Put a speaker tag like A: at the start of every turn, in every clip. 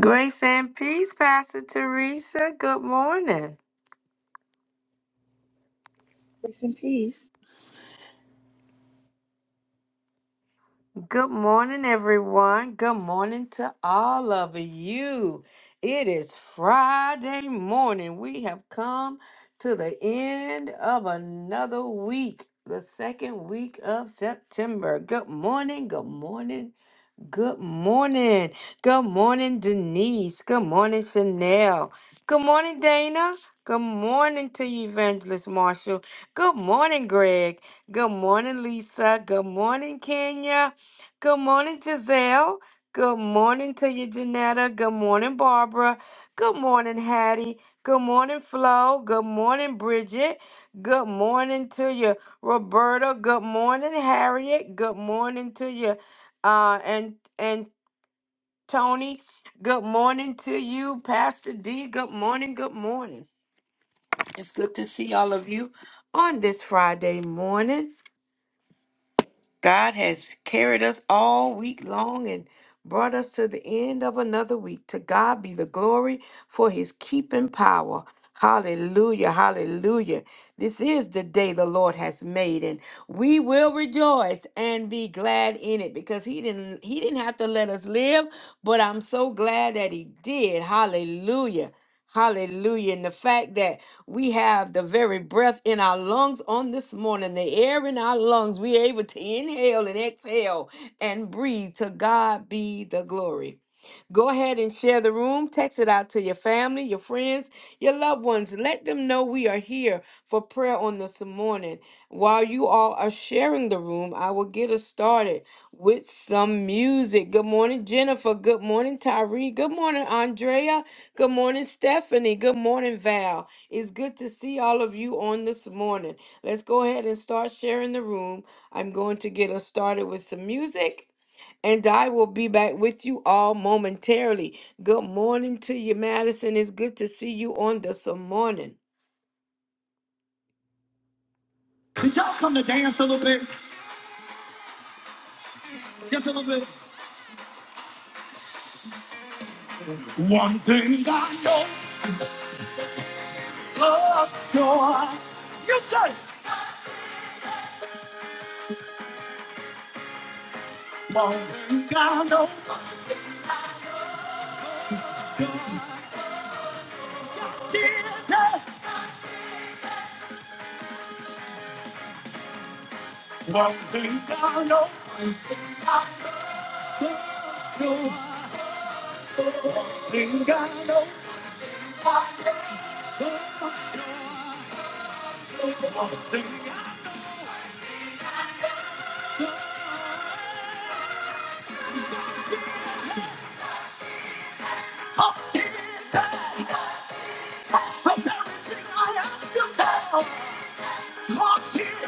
A: Grace and peace, Pastor Teresa. Good morning.
B: Grace and peace.
A: Good morning, everyone. Good morning to all of you. It is Friday morning. We have come to the end of another week, the second week of September. Good morning. Good morning. Good morning. Good morning, Denise. Good morning, Chanel. Good morning, Dana. Good morning to you, Evangelist Marshall. Good morning, Greg. Good morning, Lisa. Good morning, Kenya. Good morning, Giselle. Good morning to you, Janetta. Good morning, Barbara. Good morning, Hattie. Good morning, Flo. Good morning, Bridget. Good morning to you, Roberta. Good morning, Harriet. Good morning to you uh, and and Tony. Good morning to you, Pastor D. Good morning. Good morning. It's good to see all of you on this Friday morning. God has carried us all week long and brought us to the end of another week. To God be the glory for his keeping power. Hallelujah, hallelujah. This is the day the Lord has made and we will rejoice and be glad in it because he didn't he didn't have to let us live, but I'm so glad that he did. Hallelujah. Hallelujah. And the fact that we have the very breath in our lungs on this morning, the air in our lungs, we're able to inhale and exhale and breathe. To God be the glory. Go ahead and share the room. Text it out to your family, your friends, your loved ones. Let them know we are here for prayer on this morning. While you all are sharing the room, I will get us started with some music. Good morning, Jennifer. Good morning, Tyree. Good morning, Andrea. Good morning, Stephanie. Good morning, Val. It's good to see all of you on this morning. Let's go ahead and start sharing the room. I'm going to get us started with some music. And I will be back with you all momentarily. Good morning to you, Madison. It's good to see you on this morning. Did y'all come to dance a little bit? Just a little bit. One thing I know for sure. You say. One thing I know. Yeah. One thing I know. for sure. One thing I know. I know. One thing I know. everything everything I ask ask ask He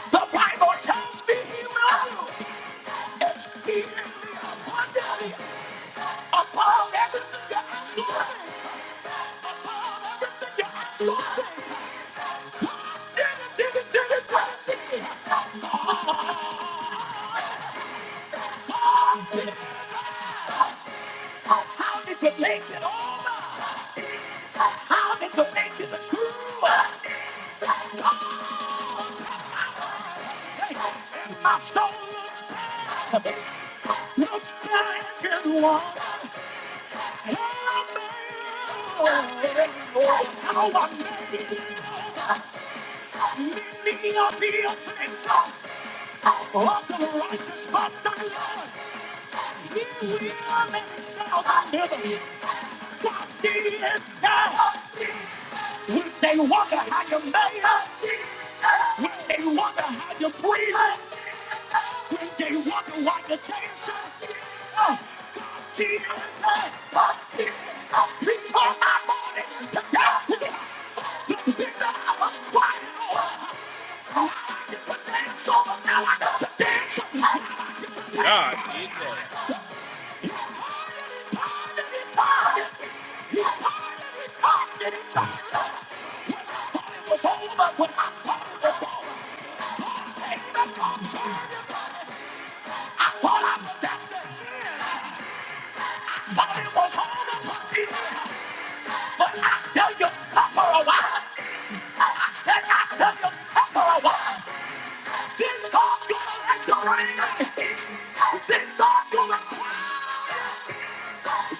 A: the Bible tells me. he will exceedingly abundantly above everything you ask for, above everything you ask for. Did it, did it, did it. How did you make it over? How did you make it through? And my soul looks back, looks back and wonders. I'll He will make Thank you. When they wonder how you made it, when they wonder how you breathe, when they wonder why you can't God did it. God did it. He turned my morning to dancing. The thing that I was crying over, I get the dance over now. I got to
C: God did that.
A: party, party, party. He party, party, party. It was over when I party was over. Ain't no concern. While I'm standing, Bobby was all over me. But I tell you, not for a while. I tell you, not for a while. This God's gonna let you ring. This God's gonna cry.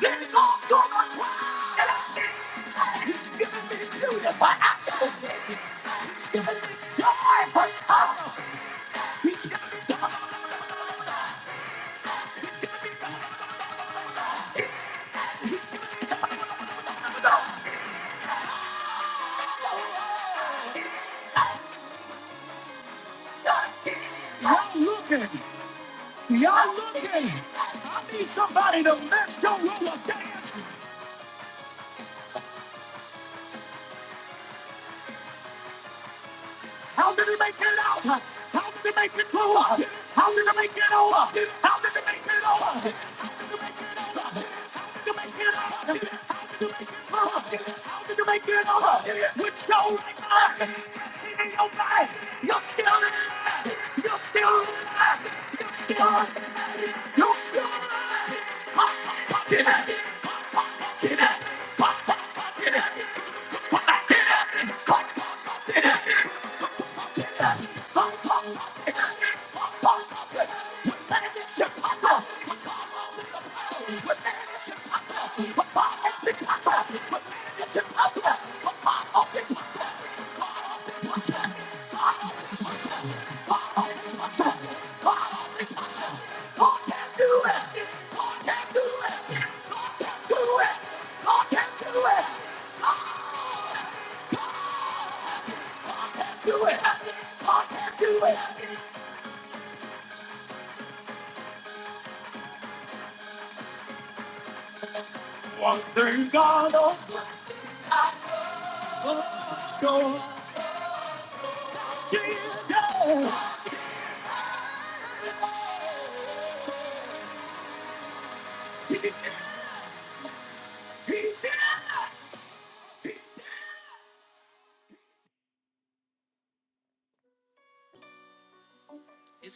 A: This God's gonna cry. He's giving me beautiful apples. He's giving me joy for sorrow. Y'all looking. Y'all looking. I need somebody to mess your roller dance. How did he make it out? How did he make it through? How did he make it over? How did he make it over? How did he make it over? How did he make it over? With your right mind, in your mind, you're still alive. You're still alive. You're still alive. You're still alive. Your God can do it. God can do it. God can do it. God can do it. Do it. God can do it. One thing God knows. It's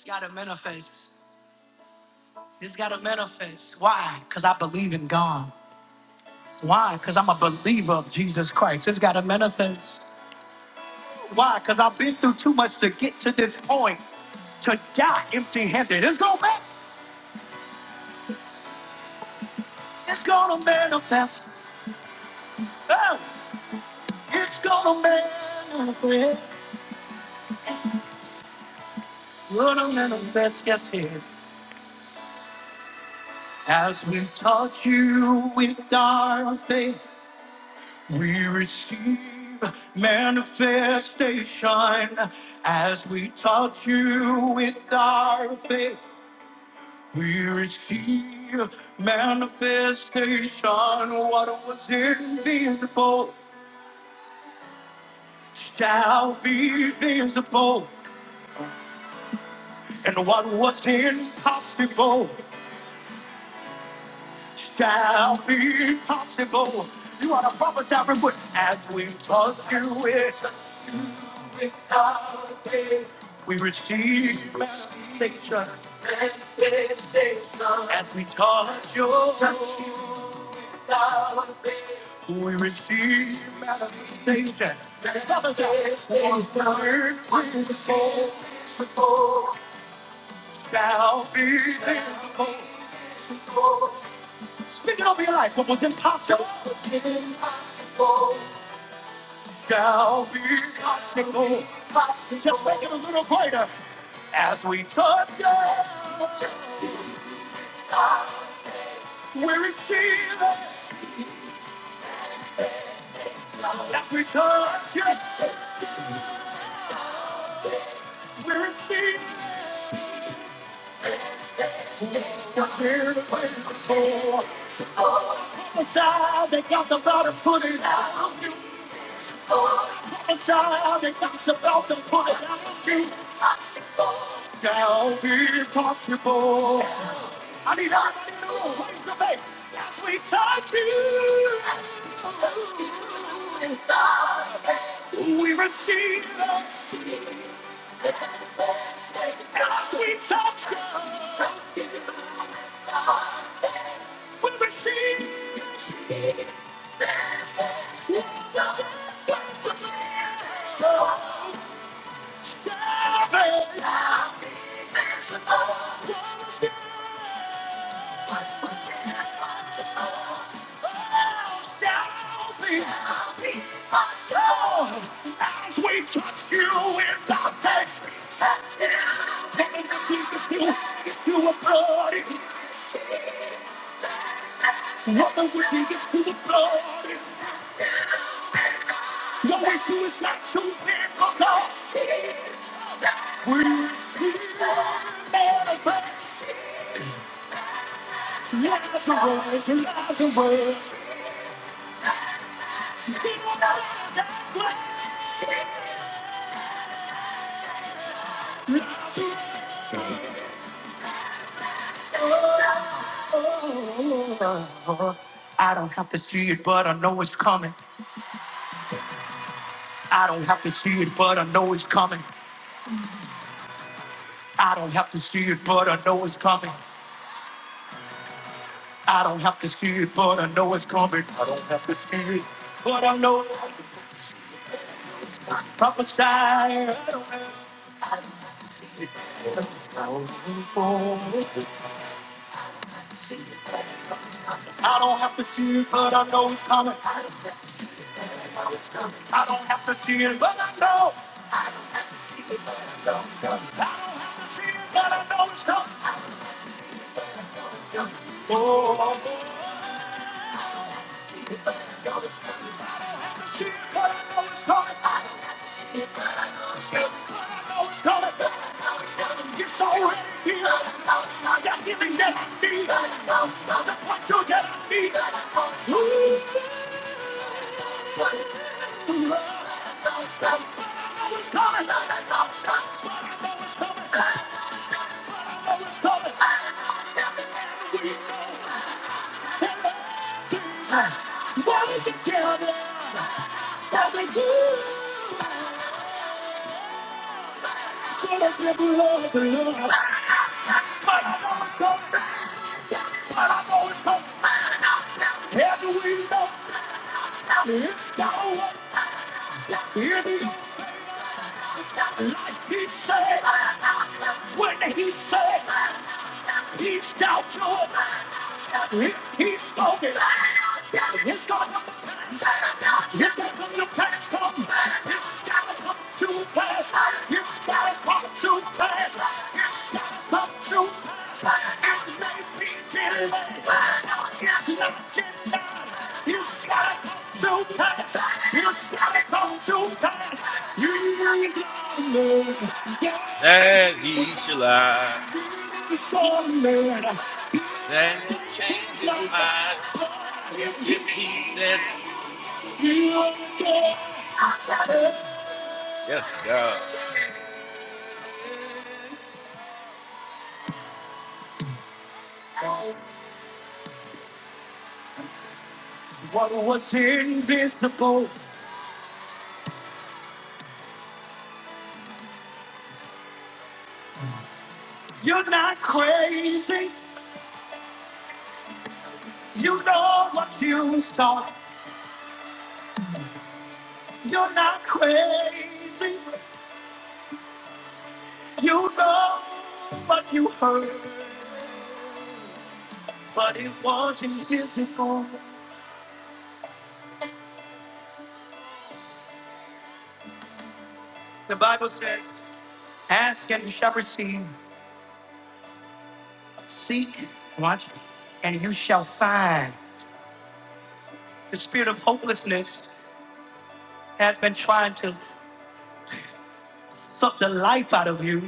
A: got to manifest. It's got to manifest. Why? Because I believe in God. Why? Because I'm a believer of Jesus Christ. It's got to manifest. Why? Because I've been through too much to get to this point to die empty handed. It's going to man- It's going to manifest. Oh, it's going to manifest. Going to manifest. Yes, here. As we touch you with our faith. We receive manifestation as we touch you with our faith. We receive manifestation. What was invisible shall be visible, and what was impossible shall be possible. You want to prophesy, everyone, as we touch you with We receive manifestation as we touch your touch. We receive manifestation. One word we soul shall be visible. Speaking of your life, what was impossible shall be possible. Just make it a little brighter. as we touch you. We receive it. That we touch it. We receive it. that We're here to wait for. Prophesy that God's about to put it out of you. Prophesy that God's about to put it out of you. Shall be possible. I need us to raise the faith as we touch you. We receive it. God, we touch God. We receive the as we touch you in the face, we touch you. What the wicked is to the blood, what the wicked is to the blood. Your issue is not too difficult. We are see manifest. Lazarus, Lazarus. Get out that grave. I don't have to see it, but I know it's coming. I don't have to see it, but I know it's coming. I don't have to see it, but I know it's coming. I don't have to see it, but I know it's coming. I don't have to see it, but I know. Papa Sky, Adonai. I don't have to see it. Papa Sky, I see it. Papa Sky. I don't have to see it, but I know it's coming. I don't have to see it, I don't have to see it, but I know. I have to see it, but I know it's coming. I don't have to see it, but I know it's coming. Oh, oh, oh. I don't have to see it, but I know it's coming. It's already here. That feeling that I need. The pressure that I need. Ooh, I know it's coming. I know it's coming. Hold it together. As I do. Gonna give love, love. I know it's coming. I know it's coming. Every wind of it's down. In your like, he said, when he said, he shall do it. He, he spoke it. It's gonna come to pass. It's gonna come to pass. Come. It's gotta come to pass. It's gotta come to pass. It's gotta come to pass. It may be delayed. It's not yet done. It's gotta come You can't. You can't. Don't you can't. You can't. Yeah.
C: That
A: You
C: he
A: can't.
C: shall lie.
A: You
C: That he'll change his mind if he said it.
A: are not
C: Yes, God.
A: What was invisible? You're not crazy. You know what you saw. You're not crazy. You know what you heard, but it wasn't physical. The Bible says, Ask and you shall receive. Seek, watch, and you shall find. The spirit of hopelessness has been trying to suck the life out of you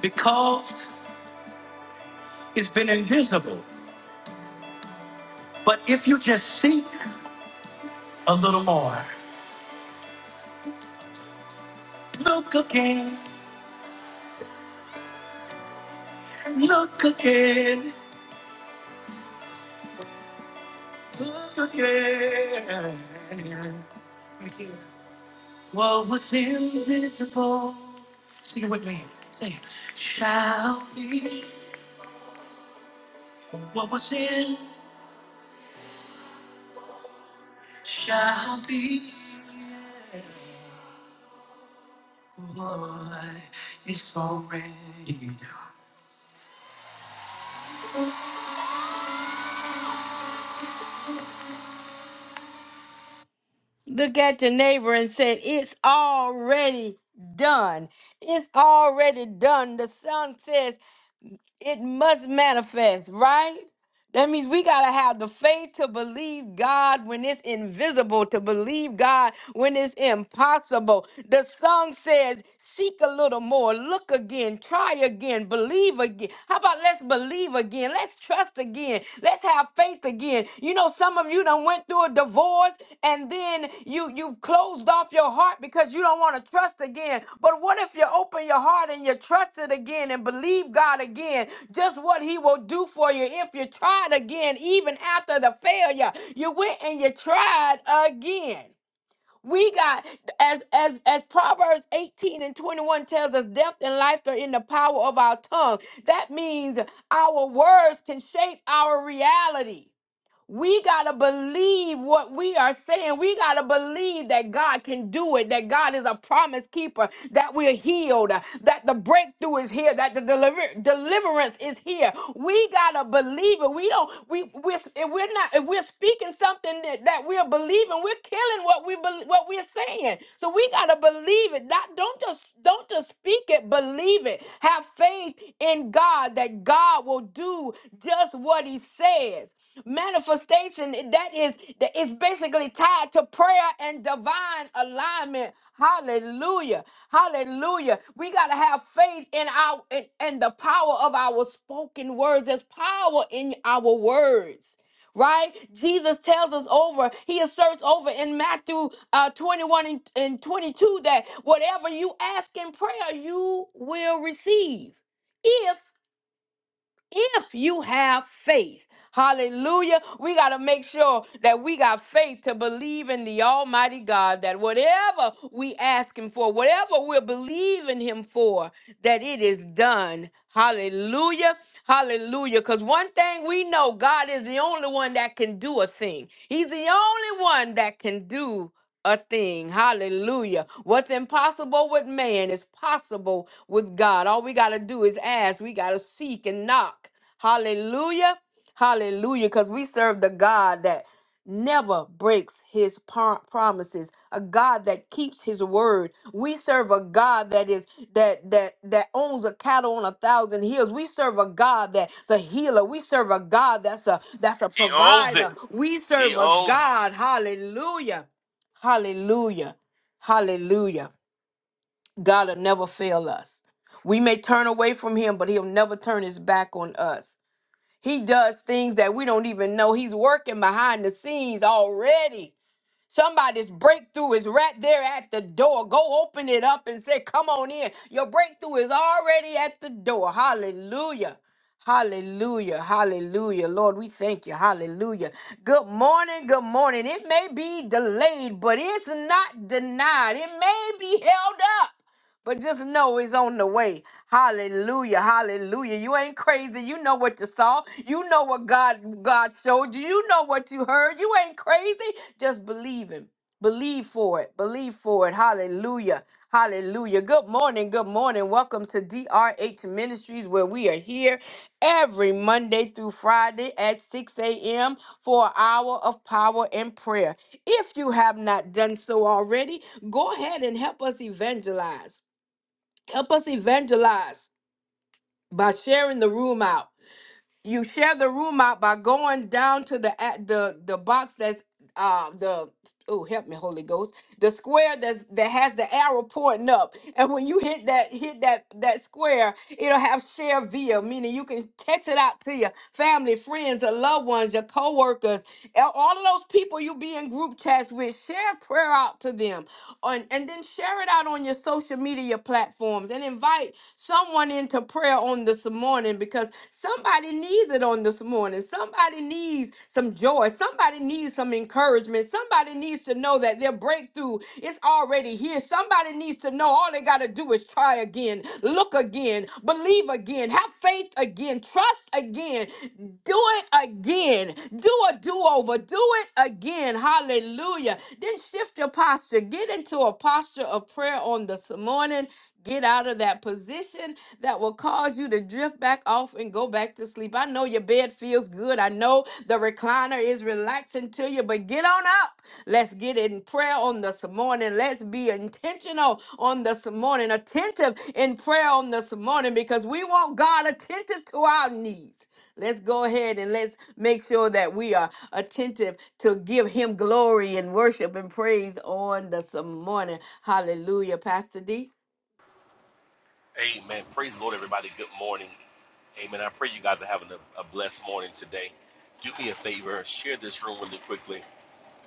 A: because it's been invisible. But if you just seek a little more, look again, look again. again. What was invisible, sing it with me, say it, shall be. What was in shall be. What is already done. Look at your neighbor and said, It's already done. It's already done. The song says, It must manifest, right? That means we got to have the faith to believe God when it's invisible, to believe God when it's impossible. The song says, Seek a little more, look again, try again, believe again. How about let's believe again? Let's trust again. Let's have faith again. You know, some of you done went through a divorce and then you you've closed off your heart because you don't want to trust again but what if you open your heart and you trust it again and believe god again just what he will do for you if you tried again even after the failure you went and you tried again we got as as as proverbs 18 and 21 tells us death and life are in the power of our tongue that means our words can shape our reality we got to believe what we are saying. We got to believe that God can do it, that God is a promise keeper, that we're healed, that the breakthrough is here, that the deliver- deliverance is here. We got to believe it. We don't, we, we're, if we're not, if we're speaking something that, that we're believing, we're killing what we, bel what we're saying. So we got to believe it. Not, don't just, don't just speak it, believe it. Have faith in God that God will do just what he says. Manifestation that is that is basically tied to prayer and divine alignment. Hallelujah. Hallelujah. We gotta have faith in our in, in the power of our spoken words. There's power in our words right? Jesus tells us over, he asserts over in Matthew uh, 21 and, and 22 that whatever you ask in prayer, you will receive if you have faith. Hallelujah. We got to make sure that we got faith to believe in the Almighty God that whatever we ask Him for, whatever we're believing Him for, that it is done. Hallelujah. Hallelujah. Because one thing we know God is the only one that can do a thing, He's the only one that can do a thing. Hallelujah. What's impossible with man is possible with God. All we got to do is ask, we got to seek and knock. Hallelujah. Hallelujah. Because we serve the God that never breaks his par- promises a god that keeps his word we serve a god that is that that that owns a cattle on a thousand hills we serve a god that's a healer we serve a god that's a that's a
C: He owns
A: provider
C: it.
A: we
C: He
A: serve a
C: owns
A: god hallelujah Hallelujah. Hallelujah. God will never fail us. We may turn away from him, but he'll never turn his back on us. He does things that we don't even know. He's working behind the scenes already. Somebody's breakthrough is right there at the door. Go open it up and say, Come on in. Your breakthrough is already at the door. Hallelujah. Hallelujah. Hallelujah. Lord, we thank you. Hallelujah. Good morning. Good morning. It may be delayed, but it's not denied. It may be held up. But just know it's on the way. Hallelujah. Hallelujah. You ain't crazy. You know what you saw. You know what God God showed you. You know what you heard. You ain't crazy. Just believe him. Believe for it. Believe for it. Hallelujah. Hallelujah. Good morning. Good morning. Welcome to DRH Ministries, where we are here every Monday through Friday at 6 a.m. for an hour of power and prayer. If you have not done so already, go ahead and help us evangelize. Help us evangelize by sharing the room out you share the room out by going down to the at the the box that's uh the oh help me holy ghost the square that's that has the arrow pointing up and when you hit that hit that that square it'll have share via meaning you can text it out to your family friends your loved ones your co-workers and all of those people you be in group chats with share prayer out to them on and then share it out on your social media platforms and invite someone into prayer on this morning morning because somebody needs it on this morning. Somebody needs some joy. Somebody needs some encouragement. Somebody needs to know that their breakthrough is already here. Somebody needs to know all they got to do is try again, look again, believe again, have faith again, trust again, do it again, do a do over, do it again. Hallelujah. Then shift your posture. Get into a posture of prayer on this morning. Get out of that position that will cause you to drift back off and go back to sleep. I know your bed feels good. I know the recliner is relaxing to you, but get on up. Let's get in prayer on this morning. Let's be intentional on this morning, attentive in prayer on this morning because we want God attentive to our needs. Let's go ahead and let's make sure that we are attentive to give him glory and worship and praise on this morning. Hallelujah, Pastor D.
C: it. Amen. Praise the Lord, everybody. Good morning. Amen. I pray you guys are having a, a blessed morning today. Do me a favor. Share this room really quickly.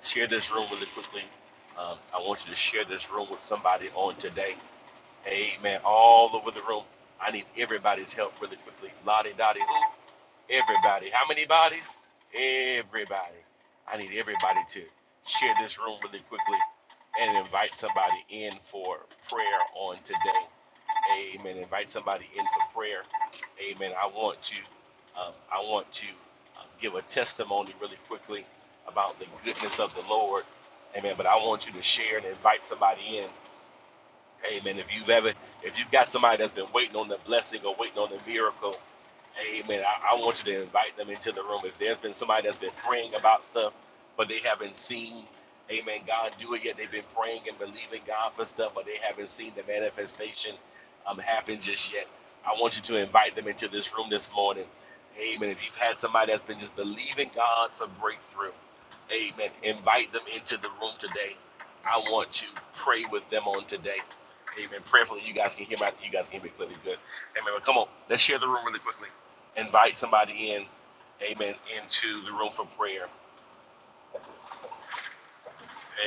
C: Share this room really quickly. Um, I want you to share this room with somebody on today. Amen. All over the room. I need everybody's help really quickly. La di Lottie Dottie. Everybody. How many bodies? Everybody. I need everybody to share this room really quickly and invite somebody in for prayer on today. Amen. Invite somebody in for prayer. Amen. I want to, um, I want to uh, give a testimony really quickly about the goodness of the Lord. Amen. But I want you to share and invite somebody in. Amen. If you've ever, if you've got somebody that's been waiting on the blessing or waiting on the miracle, Amen. I, I want you to invite them into the room. If there's been somebody that's been praying about stuff, but they haven't seen, Amen, God do it yet. They've been praying and believing God for stuff, but they haven't seen the manifestation um, happen just yet. I want you to invite them into this room this morning. Amen. If you've had somebody that's been just believing God for breakthrough, Amen. Invite them into the room today. I want to pray with them on today. Amen. Prayerfully, you guys can hear my, you guys can hear me clearly good. Amen. But come on, let's share the room really quickly invite somebody in, amen, into the room for prayer.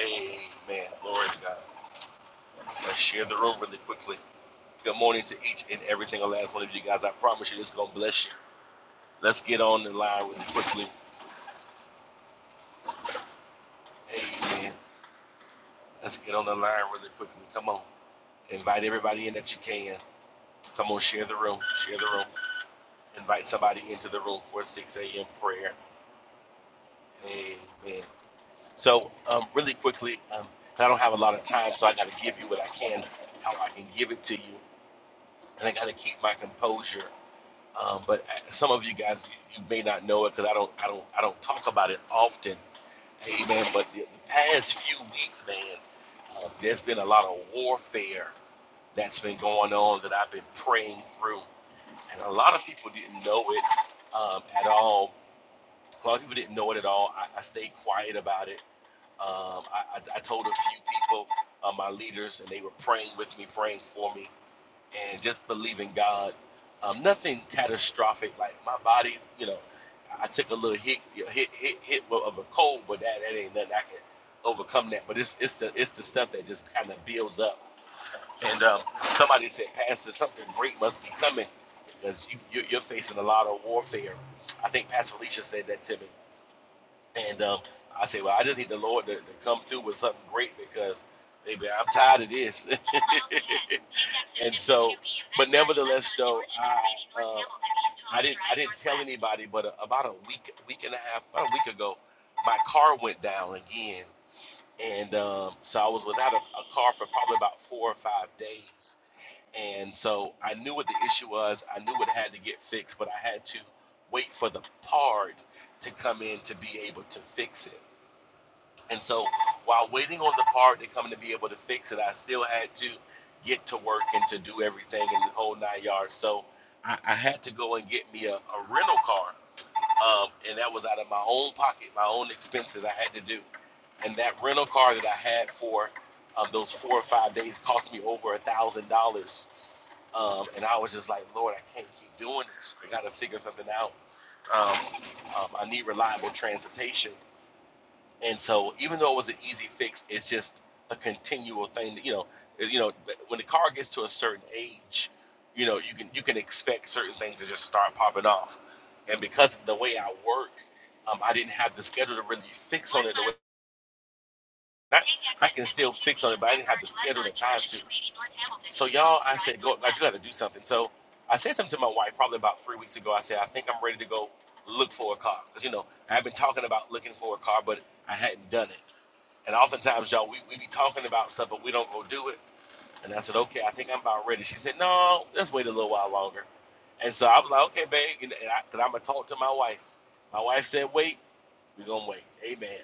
C: Amen. Glory to God. Let's share the room really quickly. Good morning to each and every single last one of you guys. I promise you, this is going to bless you. Let's get on the line really quickly. Amen. Let's get on the line really quickly. Come on. Invite everybody in that you can. Come on, share the room. Share the room. Invite somebody into the room for 6 a.m. prayer. Amen. So, um, really quickly, um, 'cause I don't have a lot of time, so I got to give you what I can, how I can give it to you, and I got to keep my composure. Um, but uh, some of you guys, you, you may not know it because I don't, I don't, I don't talk about it often. Amen. But the, the past few weeks, man, uh, there's been a lot of warfare that's been going on that I've been praying through, and a lot of people didn't know it um, at all. A lot of people didn't know it at all. I, I stayed quiet about it um, I, I, I told a few people, uh, my leaders, and they were praying with me, praying for me, and just believing God. Um, nothing catastrophic, like my body, you know, I took a little hit, hit, hit, hit of a cold, but that, that ain't nothing I can overcome that. But it's, it's the, it's the stuff that just kind of builds up. And um, somebody said, Pastor, something great must be coming because you, you, you're facing a lot of warfare. I think Pastor Alicia said that to me. And um, I say, well, I just need the Lord to, to come through with something great because, baby, I'm tired of this. and so, but nevertheless, though, I, uh, I didn't, I didn't tell anybody, but uh, about a week, week and a half, about a week ago, my car went down again, and um, so I was without a, a car for probably about four or five days and so I knew what the issue was. I knew it had to get fixed, but I had to wait for the part to come in to be able to fix it. And so while waiting on the part to come in to be able to fix it, I still had to get to work and to do everything in the whole nine yards. So I, I had to go and get me a, a rental car. Um, and that was out of my own pocket, my own expenses I had to do. And that rental car that I had for um, those four or five days cost me over a thousand dollars um, and I was just like, Lord, I can't keep doing this. I got to figure something out. Um, um, I need reliable transportation. And so, even though it was an easy fix, it's just a continual thing. That, you know, you know, when the car gets to a certain age, you know, you can you can expect certain things to just start popping off. And because of the way I worked, um, I didn't have the schedule to really fix on it the way I, I can still fix on it, but I didn't have to schedule the time to. So y'all, I said, go, I do got to do something. So I said something to my wife probably about three weeks ago. I said, I think I'm ready to go look for a car because you know I've been talking about looking for a car, but I hadn't done it. And oftentimes, y'all, we, we be talking about stuff, but we don't go do it. And I said, okay, I think I'm about ready. She said, no, let's wait a little while longer. And so I was like, okay, babe, and and I, cause I'm gonna talk to my wife. My wife said, wait, we're gonna wait. Amen.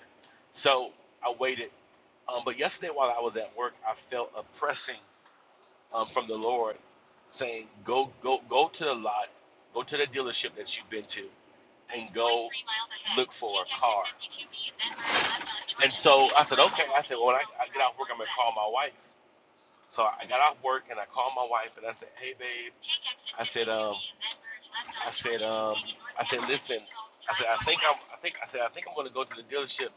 C: So I waited um, but yesterday while I was at work, I felt a pressing um, from the Lord saying, "Go, go, go to the lot, go to the dealership that you've been to, and go look for a car." And so I said, "Okay." I said, "Well, when I, I get out of work, I'm gonna call my wife." So I got off work and I called my wife and I said, "Hey, babe." I said, um, I said, um, I said, listen. I said, I think I'm. I think I said, I think I'm going to go to the dealership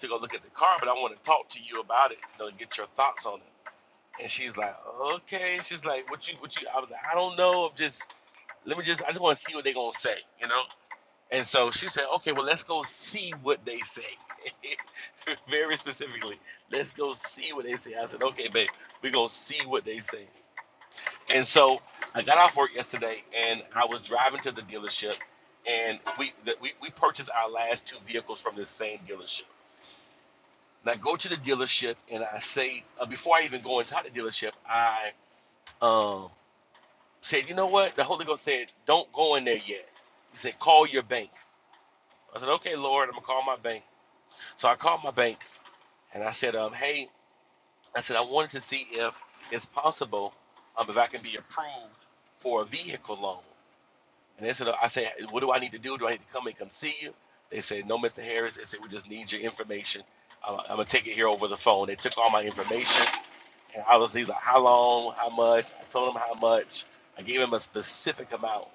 C: to go look at the car, but I want to talk to you about it. You know, get your thoughts on it. And she's like, okay. She's like, what you, what you? I was like, I don't know. I'm just. Let me just. I just want to see what they're going to say. You know. And so she said, okay, well, let's go see what they say. Very specifically, let's go see what they say. I said, okay, babe, we're going to see what they say. And so I got off work yesterday, and I was driving to the dealership, and we the, we, we purchased our last two vehicles from this same dealership. And I go to the dealership, and I say uh, before I even go inside the dealership, I um, said, you know what? The Holy Ghost said, don't go in there yet. He said, call your bank. I said, okay, Lord, I'm gonna call my bank. So I called my bank, and I said, um, hey, I said I wanted to see if it's possible um, if I can be approved for a vehicle loan. And they said, I said, what do I need to do? Do I need to come and come see you? They said, no, Mr. Harris. They said, we just need your information. I'm, I'm going to take it here over the phone. They took all my information. And I was, he's like, how long, how much? I told him how much. I gave him a specific amount.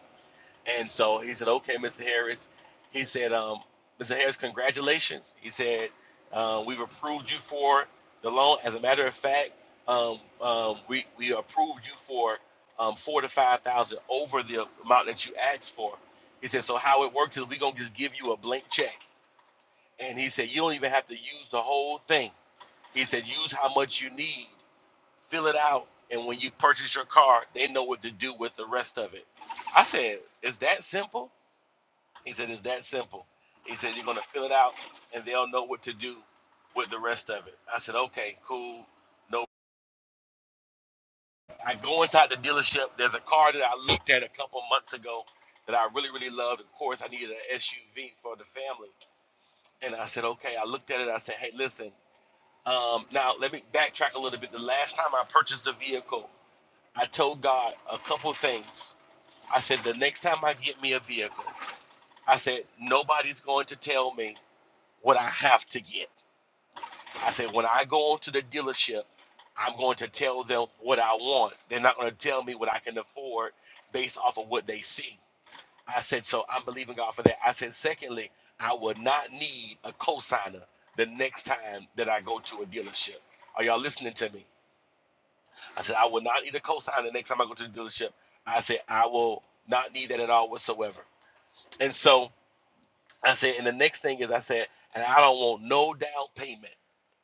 C: And so he said, okay, Mr. Harris. He said, um, Mr. Harris, congratulations. He said, uh, we've approved you for the loan. As a matter of fact, um, um, we, we approved you for um, four to 5,000 over the amount that you asked for. He said, so how it works is we're going to just give you a blank check. And he said, you don't even have to use the whole thing. He said, use how much you need, fill it out. And when you purchase your car, they know what to do with the rest of it. I said, is that simple? He said, It's that simple. He said, You're going to fill it out and they'll know what to do with the rest of it. I said, Okay, cool. No, I go inside the dealership. There's a car that I looked at a couple months ago that I really, really loved. Of course, I needed an SUV for the family. And I said, Okay, I looked at it. I said, Hey, listen, um, now let me backtrack a little bit. The last time I purchased a vehicle, I told God a couple things. I said, The next time I get me a vehicle, I said, Nobody's going to tell me what I have to get. I said, when I go to the dealership, I'm going to tell them what I want. They're not going to tell me what I can afford based off of what they see. I said, so I'm believing God for that. I said, secondly, I will not need a cosigner the next time that I go to a dealership. Are y'all listening to me? I said, I will not need a cosigner the next time I go to the dealership. I said, I will not need that at all whatsoever. And so I said, and the next thing is I said, and I don't want no down payment.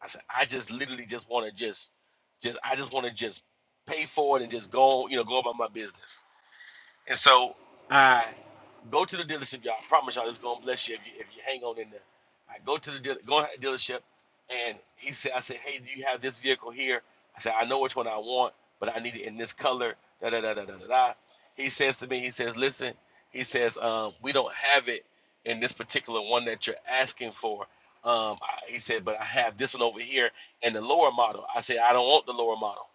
C: I said, I just literally just want to just, just I just want to just pay for it and just go, you know, go about my business. And so I go to the dealership, y'all. I promise y'all, it's gonna bless you if you if you hang on in there. I go to the deal, go to the dealership, and he said, I said, hey, do you have this vehicle here? I said, I know which one I want, but I need it in this color. Da da da da da da. da. He says to me, he says, listen, he says, um, we don't have it in this particular one that you're asking for. Um, I, he said, but I have this one over here and the lower model. I said, I don't want the lower model.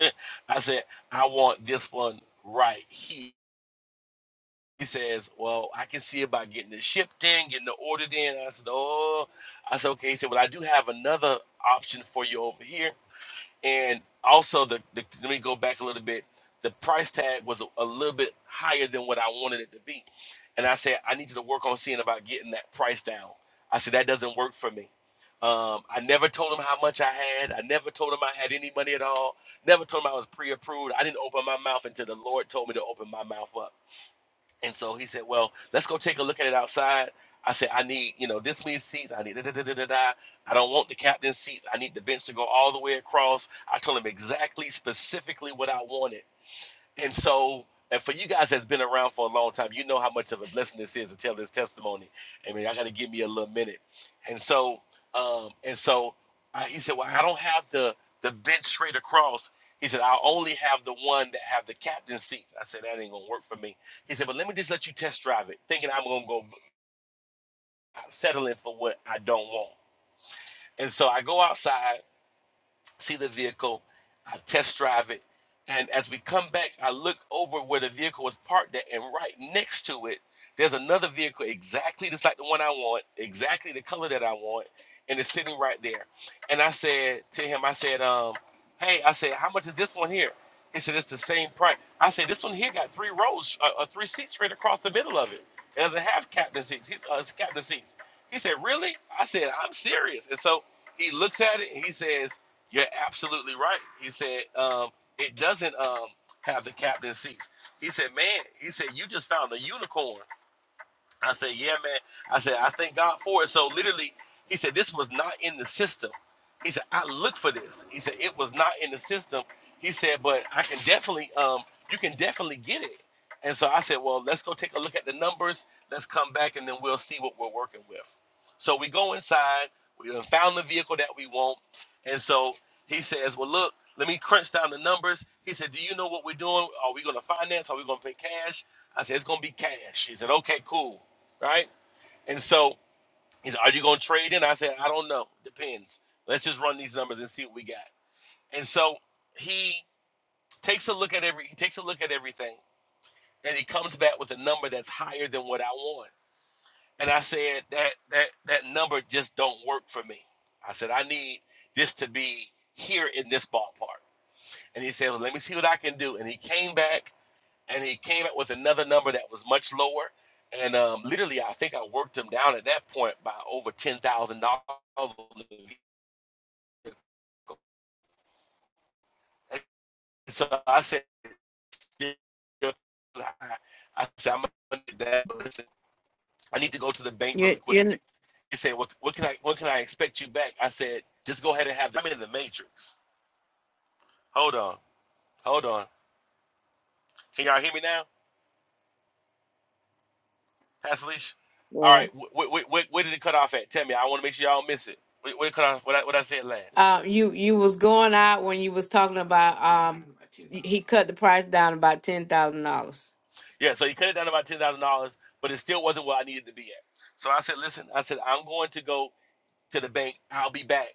C: I said, I want this one right here. He says, Well, I can see about getting it shipped in, getting it ordered in. I said, Oh, I said, Okay. He said, Well, I do have another option for you over here. And also, the, the let me go back a little bit. The price tag was a, a little bit higher than what I wanted it to be. And I said, I need you to work on seeing about getting that price down. I said, That doesn't work for me. Um, I never told him how much I had. I never told him I had any money at all. Never told him I was pre approved. I didn't open my mouth until the Lord told me to open my mouth up. And so he said, Well, let's go take a look at it outside. I said, I need, you know, this many seats. I need da da da da da. da. I don't want the captain's seats. I need the bench to go all the way across. I told him exactly, specifically what I wanted. And so, and for you guys that's been around for a long time, you know how much of a blessing this is to tell this testimony. I mean, I got to give me a little minute. And so, um, and so I, he said, well, I don't have the the bench straight across. He said, I only have the one that have the captain seats. I said, that ain't gonna work for me. He said, but let me just let you test drive it, thinking I'm gonna go settling for what I don't want. And so I go outside see the vehicle, I test drive it, and as we come back, I look over where the vehicle was parked at, and right next to it, there's another vehicle exactly just like the one I want, exactly the color that I want, and it's sitting right there. And I said to him, I said, um, "Hey, I said, how much is this one here?" He said, "It's the same price." I said, "This one here got three rows, uh, uh, three seats right across the middle of it. It doesn't have captain seats. He's uh, it's captain seats." He said, "Really?" I said, "I'm serious." And so he looks at it and he says you're absolutely right. He said, um, it doesn't um have the captain seats. He said, Man, he said, you just found a unicorn. I said, yeah, man. I said, I thank God for it. So literally, he said, this was not in the system. He said, I looked for this. He said, it was not in the system. He said, but I can definitely, um, you can definitely get it. And so I said, well, let's go take a look at the numbers. Let's come back and then we'll see what we're working with. So we go inside. We done found the vehicle that we want. And so he says, well, look, let me crunch down the numbers. He said, do you know what we're doing? Are we going to finance? Are we going to pay cash? I said, it's going to be cash. He said, okay, cool right? And so he's, are you going to trade in? I said, I don't know. Depends. Let's just run these numbers and see what we got. And so he takes a look at every he takes a look at everything, and he comes back with a number that's higher than what I want. And I said that that that number just don't work for me. I said I need this to be here in this ballpark. And he said, well, let me see what I can do. And he came back and he came up with another number that was much lower. And um, literally, I think I worked him down at that point by over ten thousand dollars on the vehicle. And so I said, I said, I'm gonna do that, but listen, I need to go to the bank
A: You
C: really
A: you
C: quickly. He said, what, what can I what can I expect you back? I said, just go ahead and have the I'm in the matrix. Hold on, hold on. Can y'all hear me now? Pastor Leash. All right,
D: Yes.
C: wh- wh- wh- wh- where did it cut off at? Tell me. I want to make sure y'all don't miss it. Where, where did it cut off? What I, what I said last.
A: uh you you was going out when you was talking about um he he cut the price down about ten thousand dollars.
C: Yeah, so he cut it down to about ten thousand dollars, but it still wasn't where I needed to be at. So I said, listen, I said I'm going to go to the bank. I'll be back.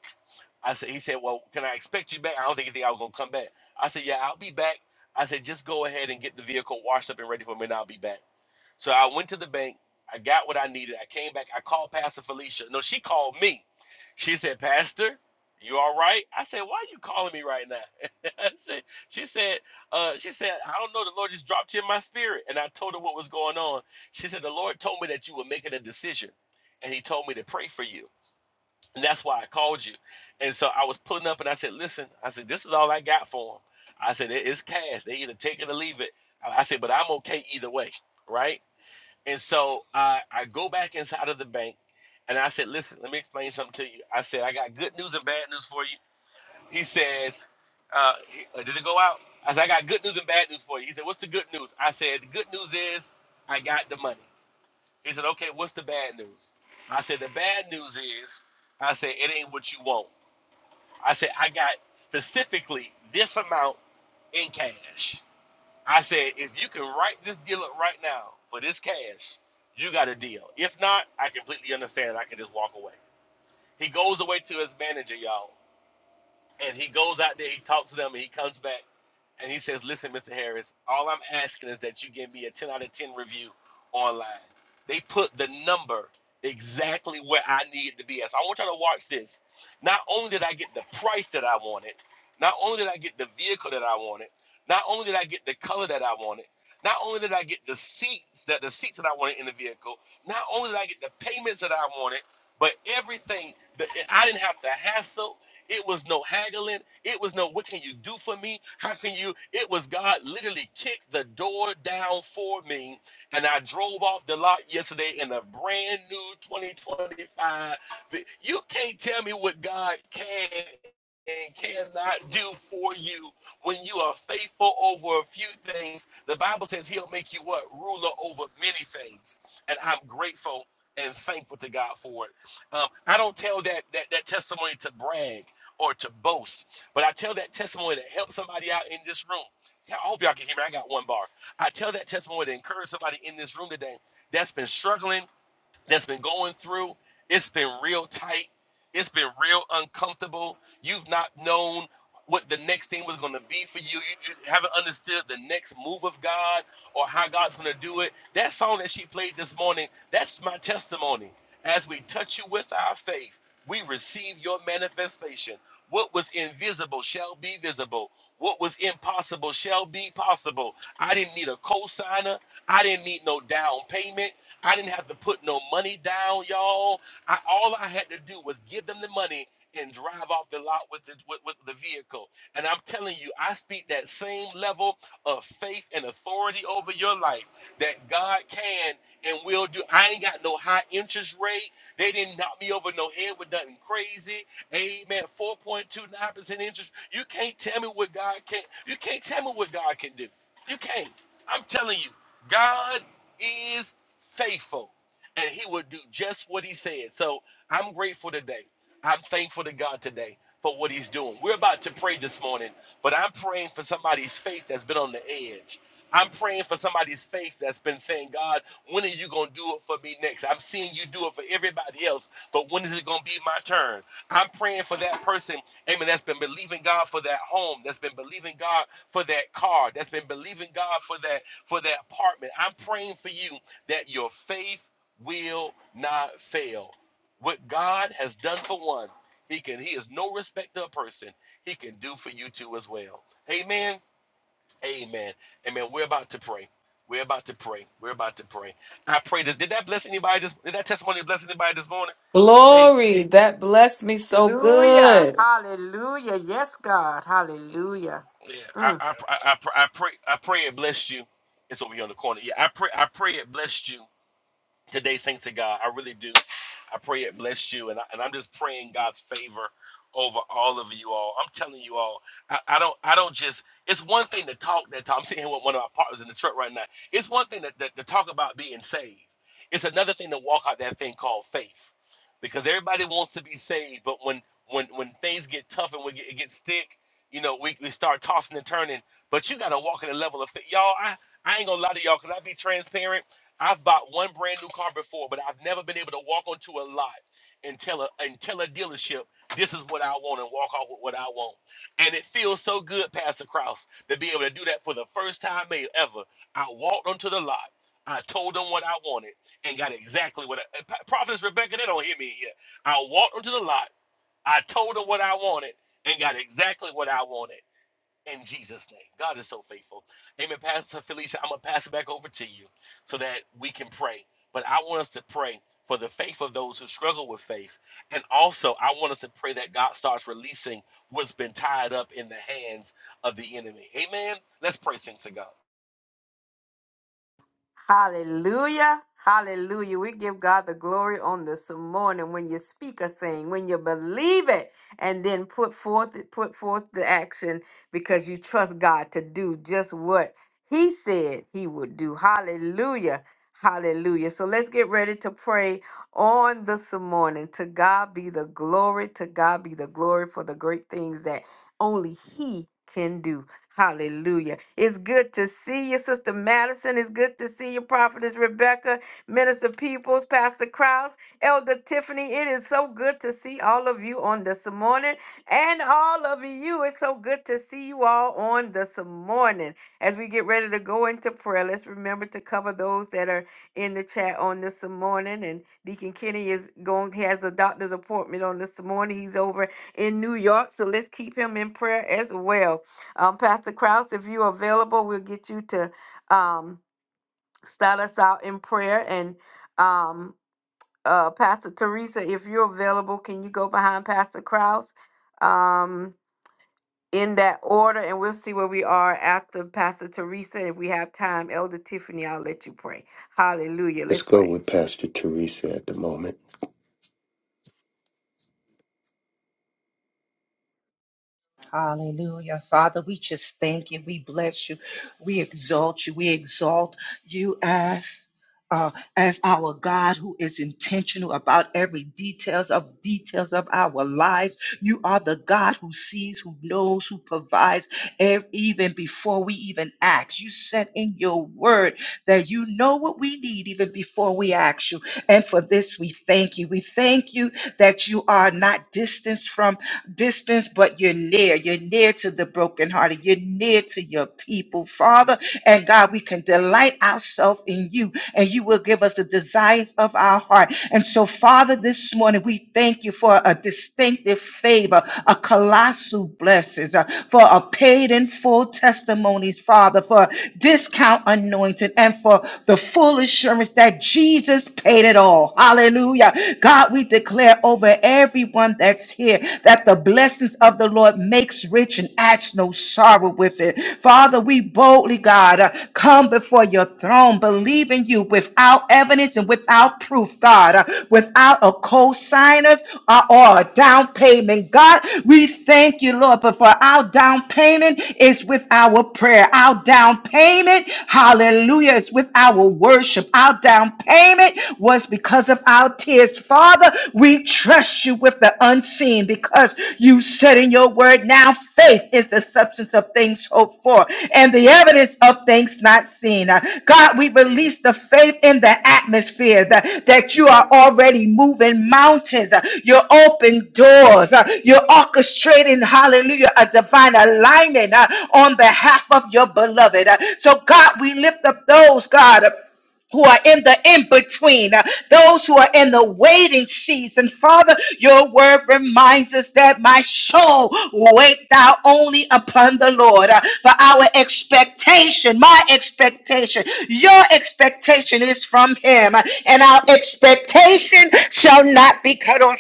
C: I said, he said, well, can I expect you back? I don't think he think I was gonna come back. I said, yeah, I'll be back. I said, just go ahead and get the vehicle washed up and ready for me, and I'll be back. So I went to the bank. I got what I needed. I came back. I called Pastor Felicia. No, she called me. She said, Pastor, you all right? I said, Why are you calling me right now? I said, she said, uh, she said, I don't know. The Lord just dropped you in my spirit. And I told her what was going on. She said, The Lord told me that you were making a decision. And he told me to pray for you. And that's why I called you. And so I was pulling up and I said, Listen, I said, this is all I got for him. I said, it is cash. They either take it or leave it. I I said, but I'm okay either way right? And so I, I go back inside of the bank and I said, listen, let me explain something to you. I said, I got good news and bad news for you. He says, uh, he- uh, did it go out? I said, I got good news and bad news for you. He said, what's the good news? I said, the good news is I got the money. He said, okay, what's the bad news? I said, the bad news is, I said, it ain't what you want. I said, I got specifically this amount in cash. I said, if you can write this deal up right now for this cash, you got a deal. If not, I completely understand. I can just walk away. He goes away to his manager, y'all. And he goes out there, he talks to them, and he comes back and he says, Listen, Mr. Harris, all I'm asking is that you give me a 10 out of 10 review online. They put the number exactly where I needed to be at. So I want y'all to watch this. Not only did I get the price that I wanted, not only did I get the vehicle that I wanted, not only did I get the color that I wanted, not only did I get the seats that the seats that I wanted in the vehicle, not only did I get the payments that I wanted, but everything that I didn't have to hassle. It was no haggling. It was no, what can you do for me? How can you? It was God literally kicked the door down for me. And I drove off the lot yesterday in a brand new 2025. You can't tell me what God can and cannot do for you when you are faithful over a few things. The Bible says he'll make you what? Ruler over many things. And I'm grateful and thankful to God for it. Um, I don't tell that, that that testimony to brag or to boast. But I tell that testimony to help somebody out in this room. Yeah, I hope y'all can hear me. I got one bar. I tell that testimony to encourage somebody in this room today that's been struggling, that's been going through. It's been real tight. It's been real uncomfortable. You've not known what the next thing was going to be for you. You you haven't understood the next move of God or how God's going to do it. That song that she played this morning, that's my testimony. As we touch you with our faith, we receive your manifestation. What was invisible shall be visible. What was impossible shall be possible. I didn't need a co-signer. I didn't need no down payment. I didn't have to put no money down, y'all. I, all I had to do was give them the money and drive off the lot with the with, with the vehicle. And I'm telling you, I speak that same level of faith and authority over your life that God can and will do. I ain't got no high interest rate. They didn't knock me over no head with nothing crazy. Amen. 4.29% interest. You can't tell me what God can you can't tell me what God can do. You can't. I'm telling you, God is faithful and he will do just what he said. So I'm grateful today. I'm thankful to God today for what he's doing. We're about to pray this morning, but I'm praying for somebody's faith that's been on the edge. I'm praying for somebody's faith that's been saying, God, when are you going to do it for me next? I'm seeing you do it for everybody else, but when is it going to be my turn? I'm praying for that person, amen, that's been believing God for that home, that's been believing God for that car, that's been believing God for that for that apartment. I'm praying for you that your faith will not fail. What God has done for one, He can. He is no respecter of person. He can do for you too as well. Amen. Amen. Amen. We're about to pray. We're about to pray. We're about to pray. I pray that did that bless anybody? This did that testimony bless anybody this morning? Hey,
E: Glory, that blessed me so
A: Hallelujah.
E: good.
A: Hallelujah. Yes, God. Hallelujah.
C: yeah. I
A: Mm.
C: I I, I, I pray I pray it blessed you. It's over here on the corner. Yeah, I pray I pray it blessed you. today, thanks to God. I really do. I pray it bless you, and, I, and I'm just praying God's favor over all of you all. I'm telling you all, I, I don't, I don't just. It's one thing to talk that talk. I'm sitting here with one of my partners in the truck right now. It's one thing to, to, to talk about being saved. It's another thing to walk out that thing called faith, because everybody wants to be saved, but when when when things get tough and when it gets thick, you know, we, we start tossing and turning. But you got to walk in a level of faith, y'all. I I ain't gonna lie to y'all. Can I be transparent? I've bought one brand new car before, but I've never been able to walk onto a lot and tell a and tell a dealership this is what I want and walk off with what I want. And it feels so good, Pastor Kraus, to be able to do that for the first time may- ever. I walked onto the lot. I told them what I wanted and got exactly what I, Pa- Prophetess Rebecca, they don't hear me here. I walked onto the lot. I told them what I wanted and got exactly what I wanted in Jesus' name. God is so faithful. Amen. Pastor Felicia, I'm going to pass it back over to you so that we can pray. But I want us to pray for the faith of those who struggle with faith. And also, I want us to pray that God starts releasing what's been tied up in the hands of the enemy. Amen. Let's pray, saints of God.
A: Hallelujah. Hallelujah. We give God the glory on this morning when you speak a thing, when you believe it, and then put forth put forth the action because you trust God to do just what He said He would do. Hallelujah. Hallelujah. So let's get ready to pray on this morning. To God be the glory. To God be the glory for the great things that only He can do. Hallelujah. It's good to see you, Sister Madison. It's good to see you, Prophetess. Rebecca, Minister Peoples, Pastor Krause, Elder Tiffany. It is so good to see all of you on this morning. And all of you, it's so good to see you all on this morning. As we get ready to go into prayer, let's remember to cover those that are in the chat on this morning. And Deacon Kenny is going, he has a doctor's appointment on this morning. He's over in New York. So let's keep him in prayer as well. Um, Pastor Krause, if you're available, we'll get you to. Um, start us out in prayer. And um, uh, Pastor Teresa, if you're available, can you go behind Pastor Kraus um, in that order? And we'll see where we are after Pastor Teresa. If we have time, Elder Tiffany, I'll let you pray. Hallelujah.
F: Let's
A: Let's
F: go
A: pray.
F: with Pastor Teresa at the moment.
B: Hallelujah. Father, we just thank you. We bless you. We exalt you. We exalt you as uh, as our God who is intentional about every details of details of our lives. You are the God who sees, who knows, who provides ev- even before we even ask. You said in your word that you know what we need even before we ask you. And for this, we thank you. We thank you that you are not distanced from distance, but you're near. You're near to the brokenhearted. You're near to your people. Father, and God, we can delight ourselves in you, and you will give us the desires of our heart. And so, Father, this morning we thank you for a distinctive favor, a colossal blessing, uh, for a paid in full testimonies, Father, for discount anointing, and for the full assurance that Jesus paid it all. Hallelujah. God, we declare over everyone that's here that the blessings of the Lord makes rich and adds no sorrow with it. Father, we boldly, God, uh, come before your throne, believing you without evidence and without proof, God, uh, without a co-signers uh, or a down payment. God, we thank you, Lord, but for our down payment is with our prayer. Our down payment, hallelujah, is with our worship. Our down payment was because of our tears. Father, we trust you with the unseen because you said in your word, now faith is the substance of things hoped for and the evidence of things not seen. Uh, God, we release the faith in the atmosphere that, that you are already moving mountains. Uh, You're open doors. Uh, You're orchestrating, hallelujah, a divine alignment uh, on behalf of your beloved. Uh, So, God, we lift up those, God who are in the in between, those who are in the waiting season. Father, your word reminds us that my soul wait thou only upon the Lord. Uh, For our expectation, my expectation, your expectation is from him, Uh, and our expectation shall not be cut off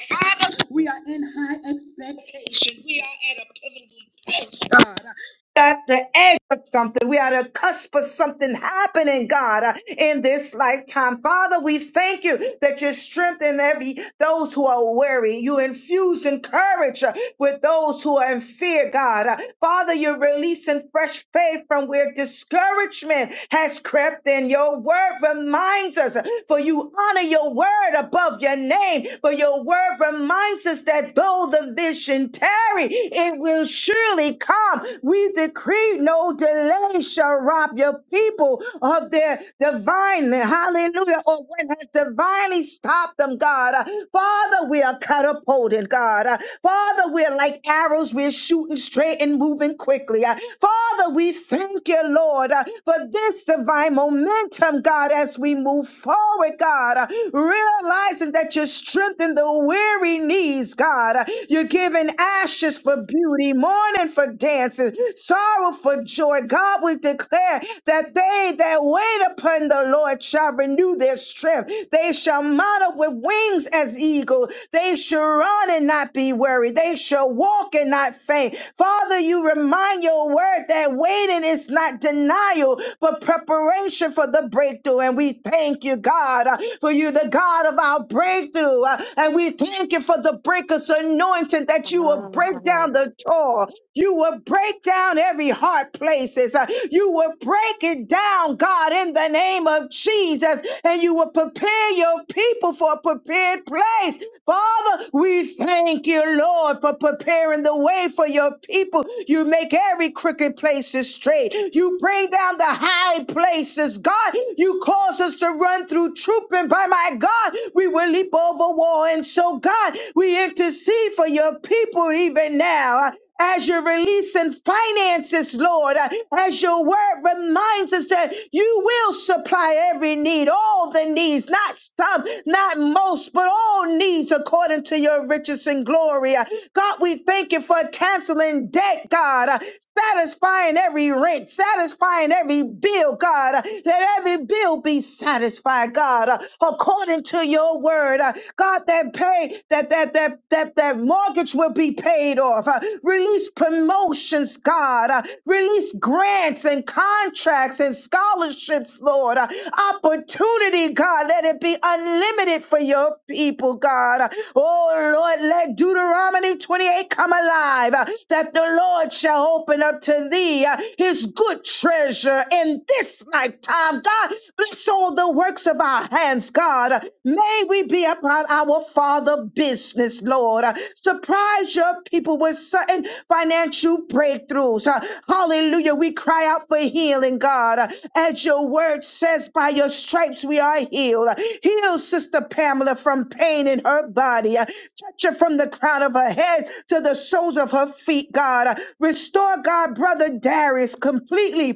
B: at the edge of something. We are at a cusp of something happening, God, uh, in this lifetime. Father, we thank you that you strengthen every those who are weary. You infuse and courage uh, with those who are in fear, God. Uh, Father, you're releasing fresh faith from where discouragement has crept in. Your word reminds us, uh, for you honor your word above your name, for your word reminds us that though the vision tarry, it will surely come. We decree no delay shall rob your people of their divine, hallelujah, or when has divinely stopped them, God. Uh, Father, we are catapulted, God. Uh, Father, we're like arrows, we're shooting straight and moving quickly. Uh, Father, we thank you, Lord, uh, for this divine momentum, God, as we move forward, God, Uh, realizing that you strengthen the weary knees, God. Uh, You're giving ashes for beauty, mourning for for dancing, sorrow for joy. God, we declare that they that wait upon the Lord shall renew their strength. They shall mount up with wings as eagles. They shall run and not be weary. They shall walk and not faint. Father, you remind your word that waiting is not denial, but preparation for the breakthrough. And we thank you, God, uh, for you, the God of our breakthrough. Uh, And we thank you for the breaker's anointing that you will break down the door. You will break down every hard places. Uh, You will break it down, God, in the name of Jesus. And you will prepare your people for a prepared place. Father, we thank you, Lord, for preparing the way for your people. You make every crooked place straight. You bring down the high places, God. You cause us to run through troop, and by my God, we will leap over wall. And so, God, we intercede for your people even now as you're releasing finances, Lord, uh, as your word reminds us that you will supply every need, all the needs, not some, not most, but all needs according to your riches and glory. Uh, God, we thank you for canceling debt, God, uh, satisfying every rent, satisfying every bill, God. uh, Let every bill be satisfied, God, uh, according to your word. Uh, God, that pay pay, that that that that that mortgage will be paid off. Uh, release promotions, God. Uh, release grants and contracts and scholarships, Lord. Uh, opportunity, God. Let it be unlimited for your people, God. Uh, oh Lord, let Deuteronomy 28 come alive. uh, that the Lord shall open up to thee uh, his good treasure in this lifetime. God, bless all the works works of our hands, God. May we be upon our Father business, Lord. Surprise your people with certain financial breakthroughs. Hallelujah. We cry out for healing, God. As your word says, by your stripes we are healed. Heal Sister Pamela from pain in her body. Touch her from the crown of her head to the soles of her feet, God. Restore, God, Brother Darius completely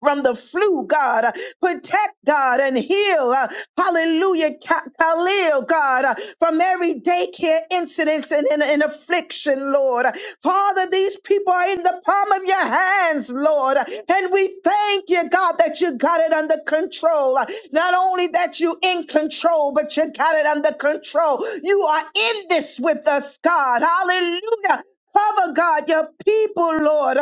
B: from the flu, God. Uh, Protect, God, and heal. uh, Hallelujah, Ka- Khalil, God, uh, from every daycare incidents and, and, and affliction, Lord. Uh, Father, these people are in the palm of your hands, Lord. Uh, And we, dear God, got it under control. Uh, Not only that you in control, but you got it under control. You are Finish with us, God. Hallelujah. Cover, God, your people, Lord.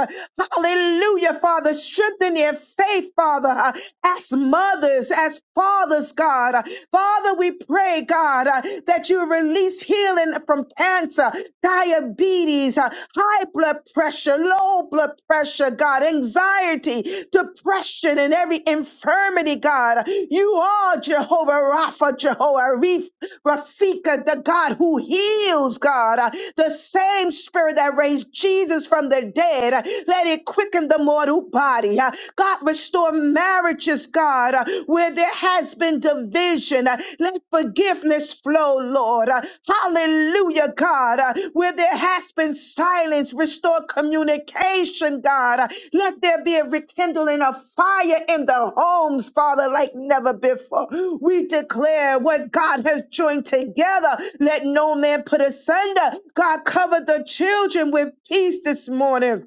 B: Hallelujah, Father. Strengthen their faith, Father. As mothers, as fathers, God. Father, we pray, God, that you release healing from cancer, diabetes, high blood pressure, low blood pressure, God, anxiety, depression, and every infirmity, God. You are Jehovah Rapha, Jehovah Reef. Rafika, the God who heals, God, uh, the same spirit that raised Jesus from the dead, uh, let it quicken the mortal body. uh, God, restore marriages, God, uh, where there has been division. uh, Let forgiveness flow, Lord. uh, Hallelujah, God. uh, God, Where there has been silence, restore communication, God. Let there be a rekindling of fire in the homes, Father, like never before. We declare what God has joined together. Let no man put asunder. God, cover the children with peace this morning.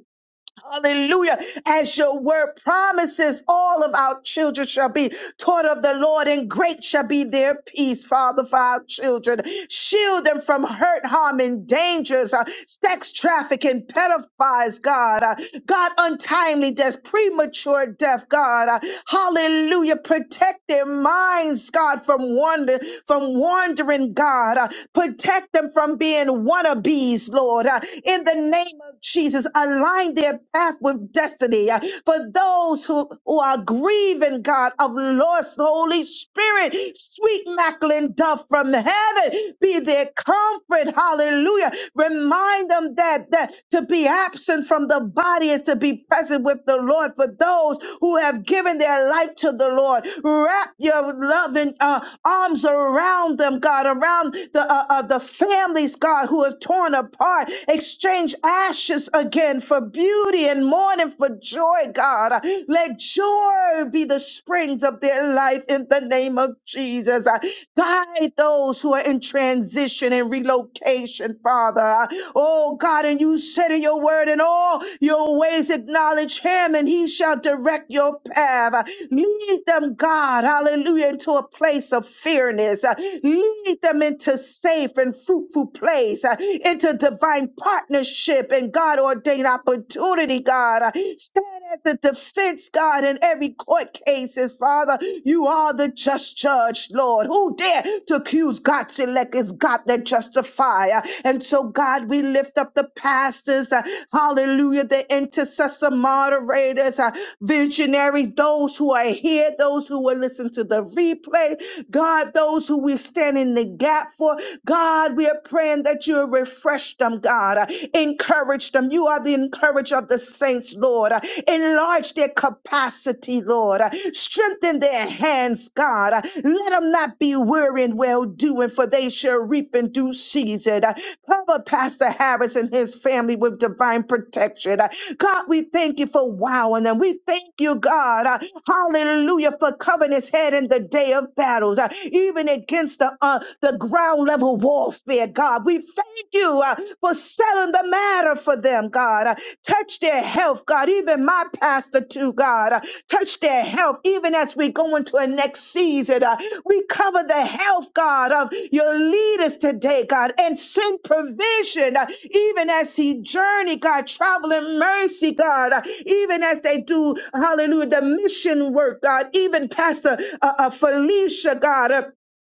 B: Hallelujah. As your word promises, all of our children shall be taught of the Lord, and great shall be their peace, Father, for our children. Shield them from hurt, harm, and dangers, uh, sex trafficking, pedophiles, God. Uh, God, untimely death, premature death, God. Uh, hallelujah. Protect their minds, God, from wander, from wandering, God. Uh, protect them from being wannabes, Lord. Uh, in the name of Jesus, align their path with destiny. Uh, For those who, who are grieving, God, of lost Holy Spirit, sweet Macklin dove from heaven, be their comfort. Hallelujah. Remind them that, that to be absent from the body is to be present with the Lord. For those who have given their life to the Lord, wrap your loving uh, arms around them, God, around the uh, uh, the families, God, who are torn apart. Exchange ashes ashes again for beauty and mourning for joy, God. Let joy be the springs of their life in the name of Jesus. Guide those who are in transition and relocation, Father. Oh God, and you said in your word, in all your ways acknowledge him, and he shall direct your path. Lead them, God, hallelujah, into a place of fairness. Lead them into safe and fruitful place, into divine divine partnership and God ordained opportunity, God. Uh, Stand as the defense, God, in every court cases, Father. You are the just judge, Lord. Who dare to accuse God's elect is God that justify. Uh, And so, God, we lift up the pastors, uh, hallelujah, the intercessor moderators, uh, visionaries, those who are here, those who will listen to the replay, God, those who we stand in the gap for. God, we are praying that you refresh them, God. Uh, Encourage them. You are the encourager of the saints, Lord. Uh, Enlarge their capacity, Lord. Uh, Strengthen their hands, God. Uh, Let them not be weary in well doing, for they shall reap in due season. Uh, Cover Pastor Harris and his family with divine protection. Uh, God, we thank you for wowing them. We thank you, God. uh, Hallelujah for covering his head in the day of battles, uh, even against the uh, the the ground level warfare, God. We thank you uh, for selling the matter for them, God. Uh, touch their health, God. Even my pastor, too, God. Uh, touch their health, even as we go into a next season. Uh, we cover the health, God, of your leaders today, God, and send provision, uh, even as he journey, God, traveling mercy, God, uh, even as they do, hallelujah, the mission work, God, even Pastor uh, uh, Felicia, God. uh,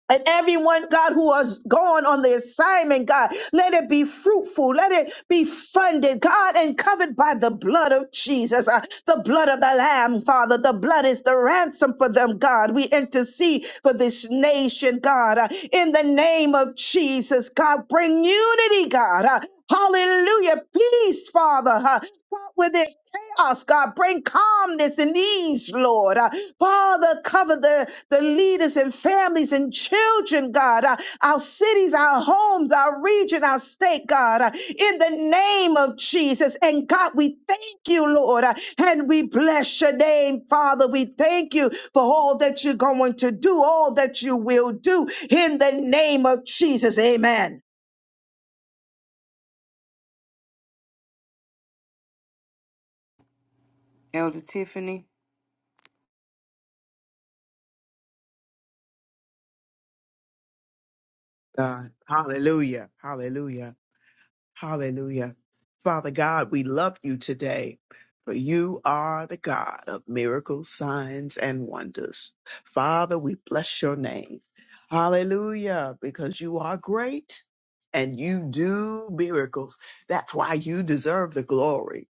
B: and everyone, God, who has gone on the assignment, God, let it be fruitful. Let it be funded, God, and covered by the blood of Jesus, uh, the blood of the Lamb, Father. The blood is the ransom for them, God. We intercede for this nation, God. uh, in the name of Jesus, God, bring unity, God. uh, Hallelujah. Peace, Father. huh? spot where there's chaos, God. Bring calmness and ease, Lord. Uh, Father, cover the, the leaders and families and children, God. Uh, our cities, our homes, our region, our state, God. Uh, in the name of Jesus. And God, we thank you, Lord. Uh, and we bless your name, Father. We thank you for all that you're going to do, all that you will do. In the name of Jesus. Amen.
A: Elder Tiffany?
G: God. Hallelujah. Hallelujah. Hallelujah. Father God, we love you today, for you are the God of miracles, signs, and wonders. Father, we bless your name. Hallelujah, because you are great and you do miracles. That's why you deserve the glory.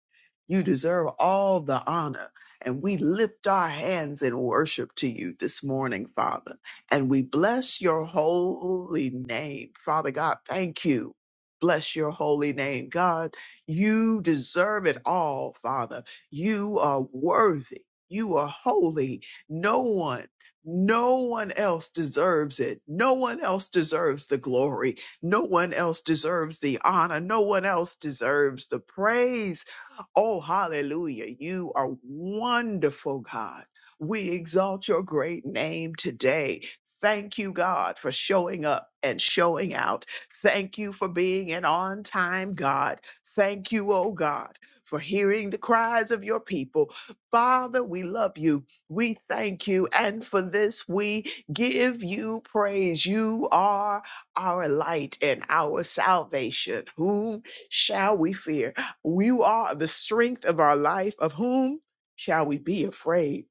G: You deserve all the honor. And we lift our hands in worship to you this morning, Father. And we bless your holy name. Father God, thank you Bless your holy name, God. You deserve it all, Father. You are worthy. You are holy. No one, no one else deserves it. No one else deserves the glory. No one else deserves the honor. No one else deserves the praise. Oh, hallelujah. You are wonderful, God. We exalt your great name today. Thank you, God, for showing up and showing out. Thank you for being an on time God. Thank you, oh God, for hearing the cries of your people. Father, we love you. We thank you. And for this, we give you praise. You are our light and our salvation. Whom shall we fear? You are the strength of our life. Of whom shall we be afraid?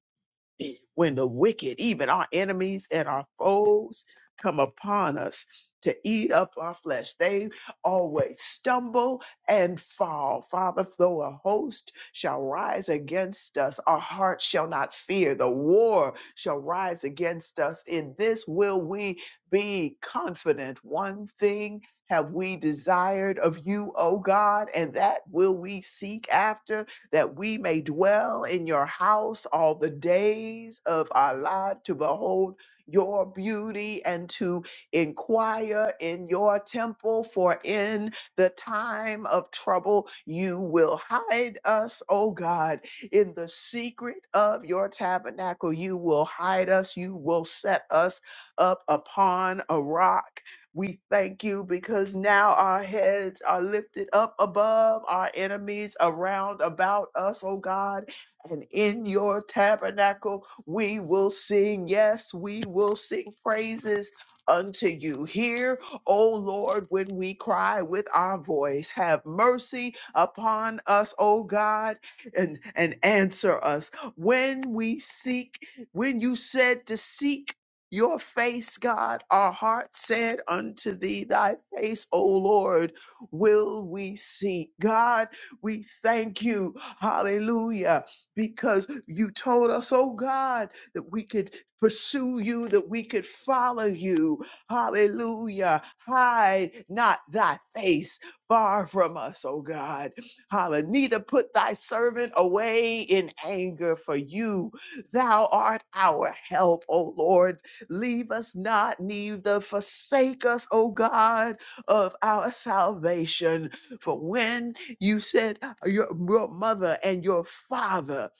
G: when the wicked, even our enemies and our foes, come upon us to eat up our flesh. They always stumble and fall. Father, though a host shall rise against us, our hearts shall not fear. The war shall rise against us. In this will we be confident. One thing have we desired of you, O God, and that will we seek after that we may dwell in your house all the days of our life to behold your beauty and to inquire in your temple. For in the time of trouble, you will hide us, O God, in the secret of your tabernacle. You will hide us, you will set us up upon a rock we thank you because now our heads are lifted up above our enemies around about us, oh God. And in your tabernacle, we will sing. Yes, we will sing praises unto you. Hear, O Lord, when we cry with our voice. Have mercy upon us, O God, and, and answer us. When we seek, when you said to seek, your face, God, our heart said unto thee, Thy face, O Lord, will we seek. God, we thank you, hallelujah, because you told us, oh God, that we could pursue you, that we could follow you, hallelujah. Hide not thy face far from us, oh God, hallelujah. Neither put thy servant away in anger, for you, thou art our help, O Lord Leave us not, neither forsake us, O God, of our salvation. For when you said your, your mother and your father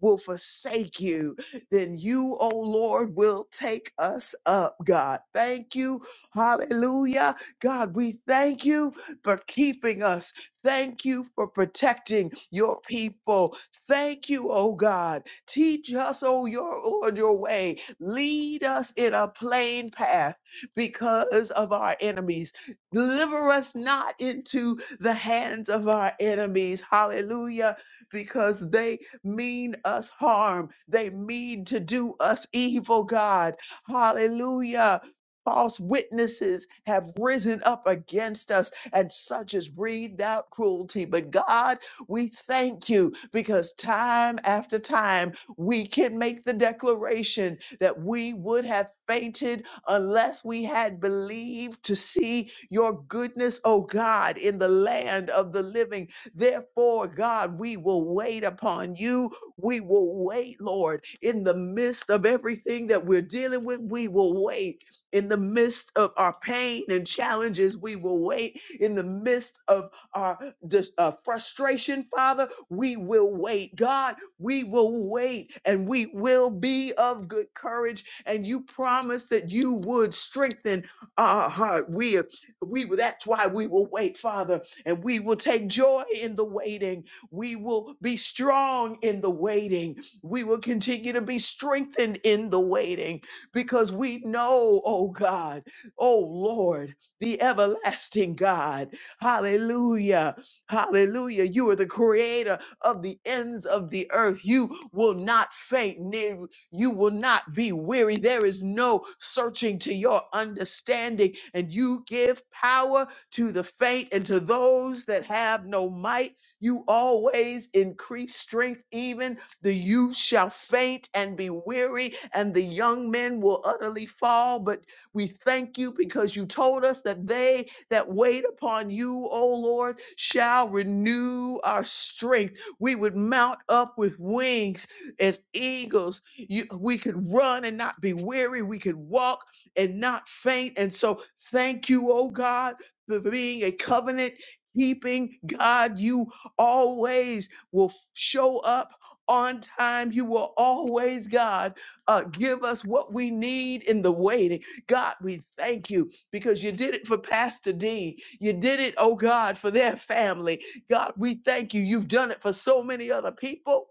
G: will forsake you, then you, O Lord, will take us up, God. Thank you. Hallelujah. God, we thank you for keeping us. Thank you for protecting your people. Thank you, O God. Teach us, O your Lord, your way Lead us in a plain path because of our enemies. Deliver us not into the hands of our enemies. Hallelujah. Because they mean us harm, they mean to do us evil, God. Hallelujah. False witnesses have risen up against us, and such as breathed out cruelty. But God, we thank you because time after time we can make the declaration that we would have fainted unless we had believed to see your goodness, O God, in the land of the living. Therefore, God, we will wait upon you. We will wait, Lord, in the midst of everything that we're dealing with. We will wait in the midst of our pain and challenges. We will wait in the midst of our dis- uh, frustration, Father. We will wait, God we will wait and we will be of good courage. And you promised that you would strengthen our heart. We, we, that's why we will wait, Father, and we will take joy in the waiting. We will be strong in the waiting. We will continue to be strengthened in the waiting because we know, oh God, oh Lord, the everlasting God. Hallelujah. Hallelujah. You are the creator of the ends of the earth. You will not faint, near, you will not be weary. There is no searching to your understanding, and you give power to the faint and to those that have no might. You always increase strength, even the youth shall faint and be weary, and the young men will utterly fall. But we thank you because you told us that they that wait upon you, O Lord, shall renew our strength we would mount up with wings as eagles. You, we could run and not be weary. We could walk and not faint. And so, thank you, oh God, for being a covenant keeping God. You always will show up on time. You will always, God, uh, give us what we need in the waiting. God, we thank you because you did it for Pastor D. You did it, oh God, for their family. God, we thank you. You've done it for so many other people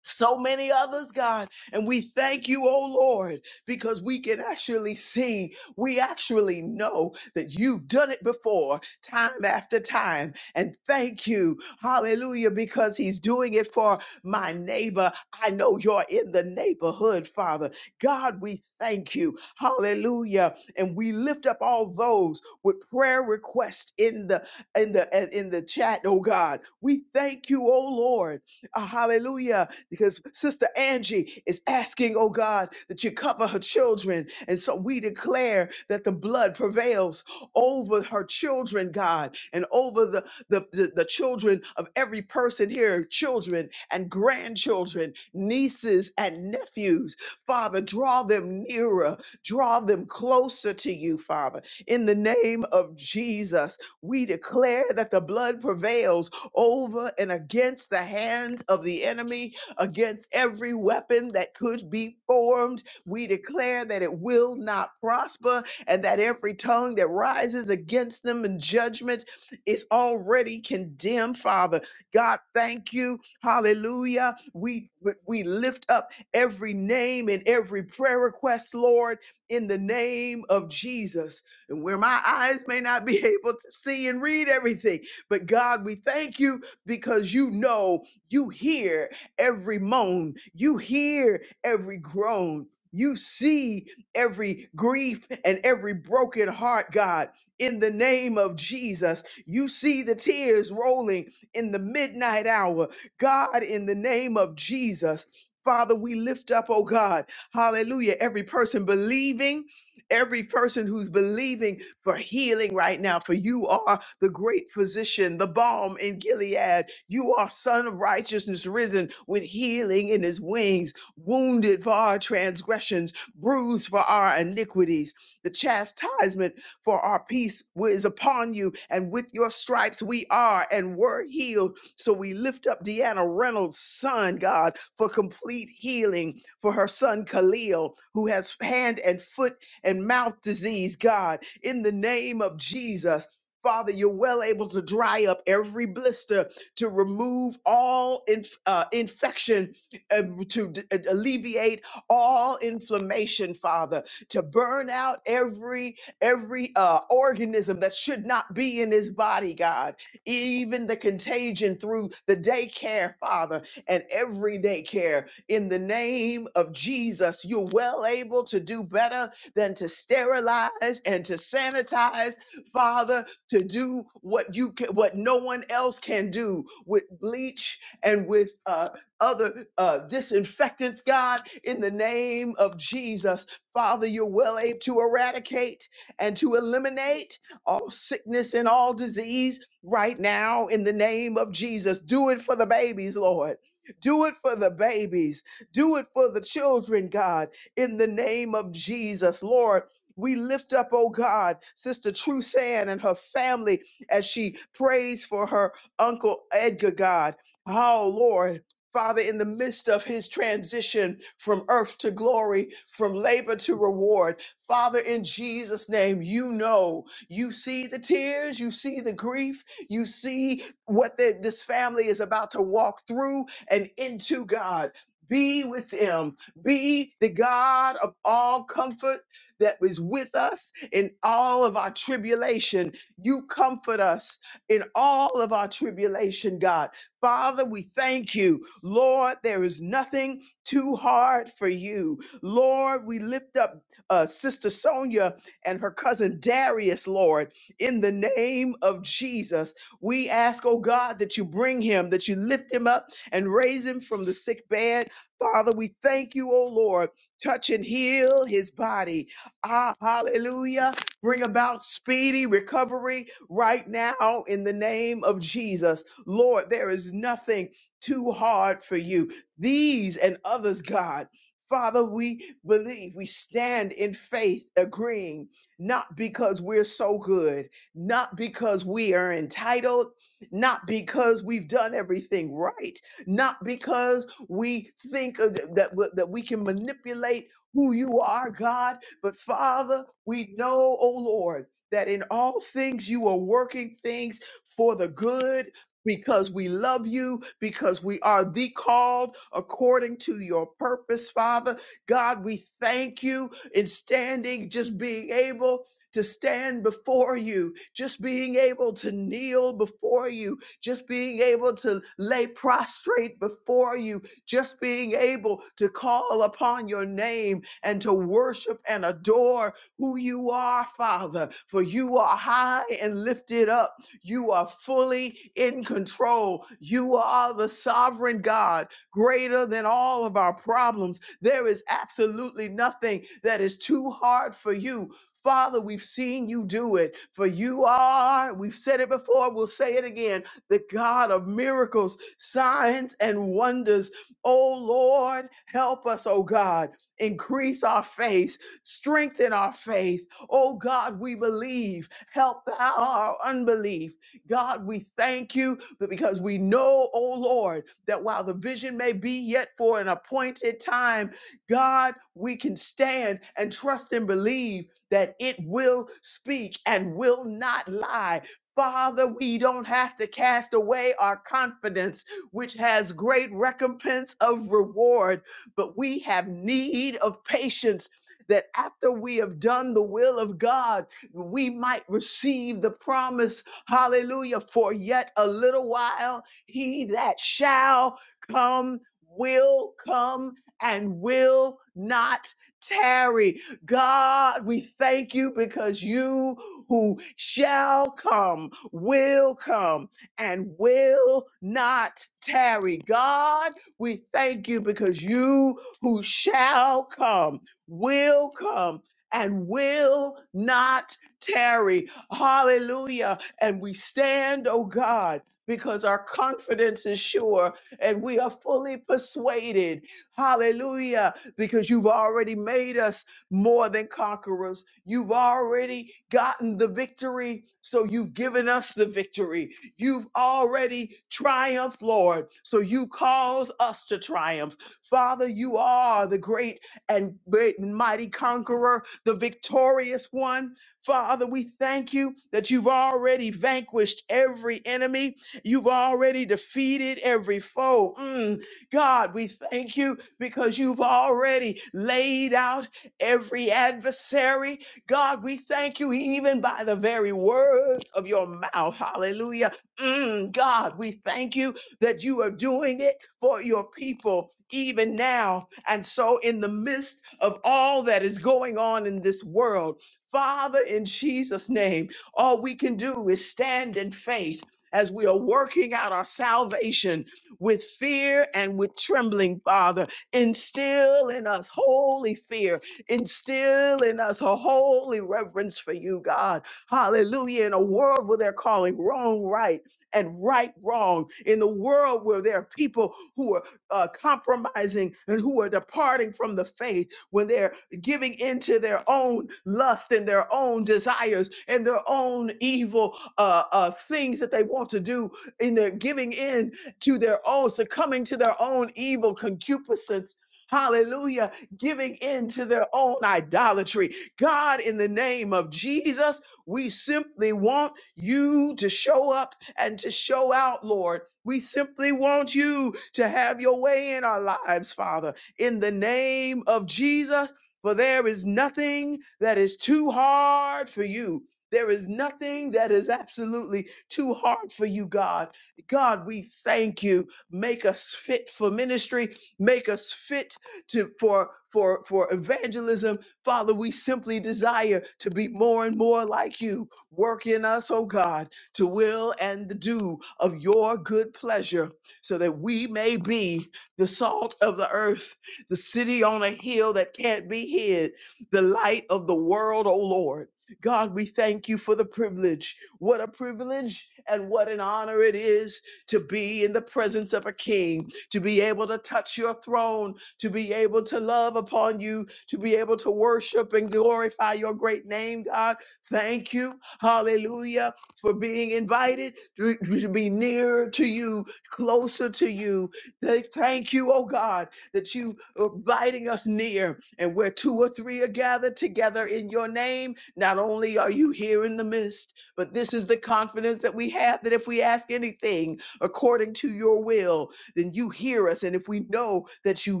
G: so many others, God. And we thank you, oh Lord, because we can actually see, we actually know that you've done it before, time after time. And thank you, hallelujah, because he's doing it for my neighbor. I know you're in the neighborhood, Father. God, we thank you, hallelujah. And we lift up all those with prayer requests in the in the in the chat, oh God. We thank you, oh Lord. Uh, hallelujah because Sister Angie is asking, oh God, that you cover her children. And so we declare that the blood prevails over her children, God, and over the, the, the, the children of every person here children and grandchildren, nieces and nephews. Father, draw them nearer, draw them closer to you, Father. In the name of Jesus, we declare that the blood prevails over and against the hand of the enemy against every weapon that could be formed. We declare that it will not prosper and that every tongue that rises against them in judgment is already condemned, Father. God, thank you. Hallelujah. We we lift up every name and every prayer request, Lord, in the name of Jesus. And where my eyes may not be able to see and read everything, but God, we thank you because you know, you hear every moan. You hear every groan. You see every grief and every broken heart, God, in the name of Jesus. You see the tears rolling in the midnight hour. God, in the name of Jesus. Father, we lift up, oh God, hallelujah, every person believing every person who's believing for healing right now, for you are the great physician, the balm in Gilead. You are Son of Righteousness risen with healing in his wings, wounded for our transgressions, bruised for our iniquities. The chastisement for our peace is upon you, and with your stripes we are and were healed. So we lift up Deanna Reynolds' son, God, for complete healing for her son Khalil, who has hand and foot and mouth disease, God, in the name of Jesus. Father, you're well able to dry up every blister, to remove all inf- uh, infection, uh, to d- uh, alleviate all inflammation, Father, to burn out every every uh, organism that should not be in his body, God, even the contagion through the daycare, Father, and every daycare. In the name of Jesus, you're well able to do better than to sterilize and to sanitize, Father, to do what you can, what no one else can do with bleach and with uh, other uh, disinfectants, God, in the name of Jesus. Father, you're well able to eradicate and to eliminate all sickness and all disease right now in the name of Jesus. Do it for the babies, Lord. Do it for the babies. Do it for the children, God in the name of Jesus. Lord, we lift up, oh God, Sister Trusan and her family as she prays for her Uncle Edgar, God. Oh, Lord. Father, in the midst of his transition from earth to glory, from labor to reward, Father, in Jesus' name, you know, you see the tears, you see the grief, you see what the- this family is about to walk through and into, God. Be with them be the God of all comfort that is with us in all of our tribulation. You comfort us in all of our tribulation, God. Father, we thank you. Lord, there is nothing too hard for you. Lord, we lift up uh, Sister Sonia and her cousin Darius, Lord, in the name of Jesus. We ask, oh God, that you bring him, that you lift him up and raise him from the sick bed Father, we thank you, oh Lord. Touch and heal his body. Ah, hallelujah. Bring about speedy recovery right now in the name of Jesus. Lord, there is nothing too hard for you. These and others, God. Father, we believe, we stand in faith, agreeing, not because we're so good, not because we are entitled, not because we've done everything right, not because we think of th- that w- that we can manipulate who you are, God. But Father, we know, oh Lord, that in all things you are working things for the good. Because we love you, because we are the called according to your purpose, Father. God, we thank you in standing, just being able to stand before you, just being able to kneel before you, just being able to lay prostrate before you, just being able to call upon your name and to worship and adore who you are, Father, for you are high and lifted up. You are fully in control. You are the sovereign God, greater than all of our problems. There is absolutely nothing that is too hard for you. Father, we've seen you do it, for you are, we've said it before, we'll say it again, the God of miracles, signs, and wonders. Oh Lord, help us, oh God. Increase our faith, strengthen our faith. Oh God, we believe. Help our unbelief. God, we thank you because we know, oh Lord, that while the vision may be yet for an appointed time, God, we can stand and trust and believe that it will speak and will not lie. Father, we don't have to cast away our confidence which has great recompense of reward. But we have need of patience that after we have done the will of God, we might receive the promise. Hallelujah. For yet a little while, he that shall come will come and will not tarry. God, we thank you because you who shall come will come and will not tarry. God, we thank you because you who shall come will come and will not tarry. Hallelujah. And we stand, oh God, because our confidence is sure and we are fully persuaded. Hallelujah. Because you've already made us more than conquerors. You've already gotten the victory. So you've given us the victory. You've already triumphed, Lord. So you cause us to triumph. Father, you are the great and great and mighty conqueror, the victorious one. Father, we thank you that you've already vanquished every enemy. You've already defeated every foe. Mm, God, we thank you because you've already laid out every adversary. God, we thank you even by the very words of your mouth. Hallelujah Mm, God, we thank you that you are doing it for your people even now. And so, in the midst of all that is going on in this world, Father, in Jesus' name, all we can do is stand in faith as we are working out our salvation with fear and with trembling, Father. Instill in us holy fear, instill in us a holy reverence for you, God. Hallelujah. In a world where they're calling wrong right and right wrong in the world where there are people who are uh, compromising and who are departing from the faith when they're giving into their own lust and their own desires and their own evil uh, uh, things that they want to do in their giving in to their own succumbing to their own evil concupiscence hallelujah giving in to their own idolatry god in the name of jesus we simply want you to show up and to show out, Lord. We simply want you to have your way in our lives, Father, in the name of Jesus. For there is nothing that is too hard for you. There is nothing that is absolutely too hard for you, God. God, we thank you. Make us fit for ministry. Make us fit to for for for evangelism. Father, we simply desire to be more and more like you. Work in us, oh God to will and the do of your good pleasure, so that we may be the salt of the earth, the city on a hill that can't be hid, the light of the world, O Lord. God, we thank you for the privilege. What a privilege and what an honor it is to be in the presence of a king, to be able to touch your throne, to be able to love upon you, to be able to worship and glorify your great name, God. Thank you. Hallelujah for being invited to, to be nearer to you, closer to you. They thank you, oh God, that you are inviting us near. And where two or three are gathered together in your name, not only are you here in the midst, but this is the confidence that we have that if we ask anything according to your will, then you hear us. And if we know that you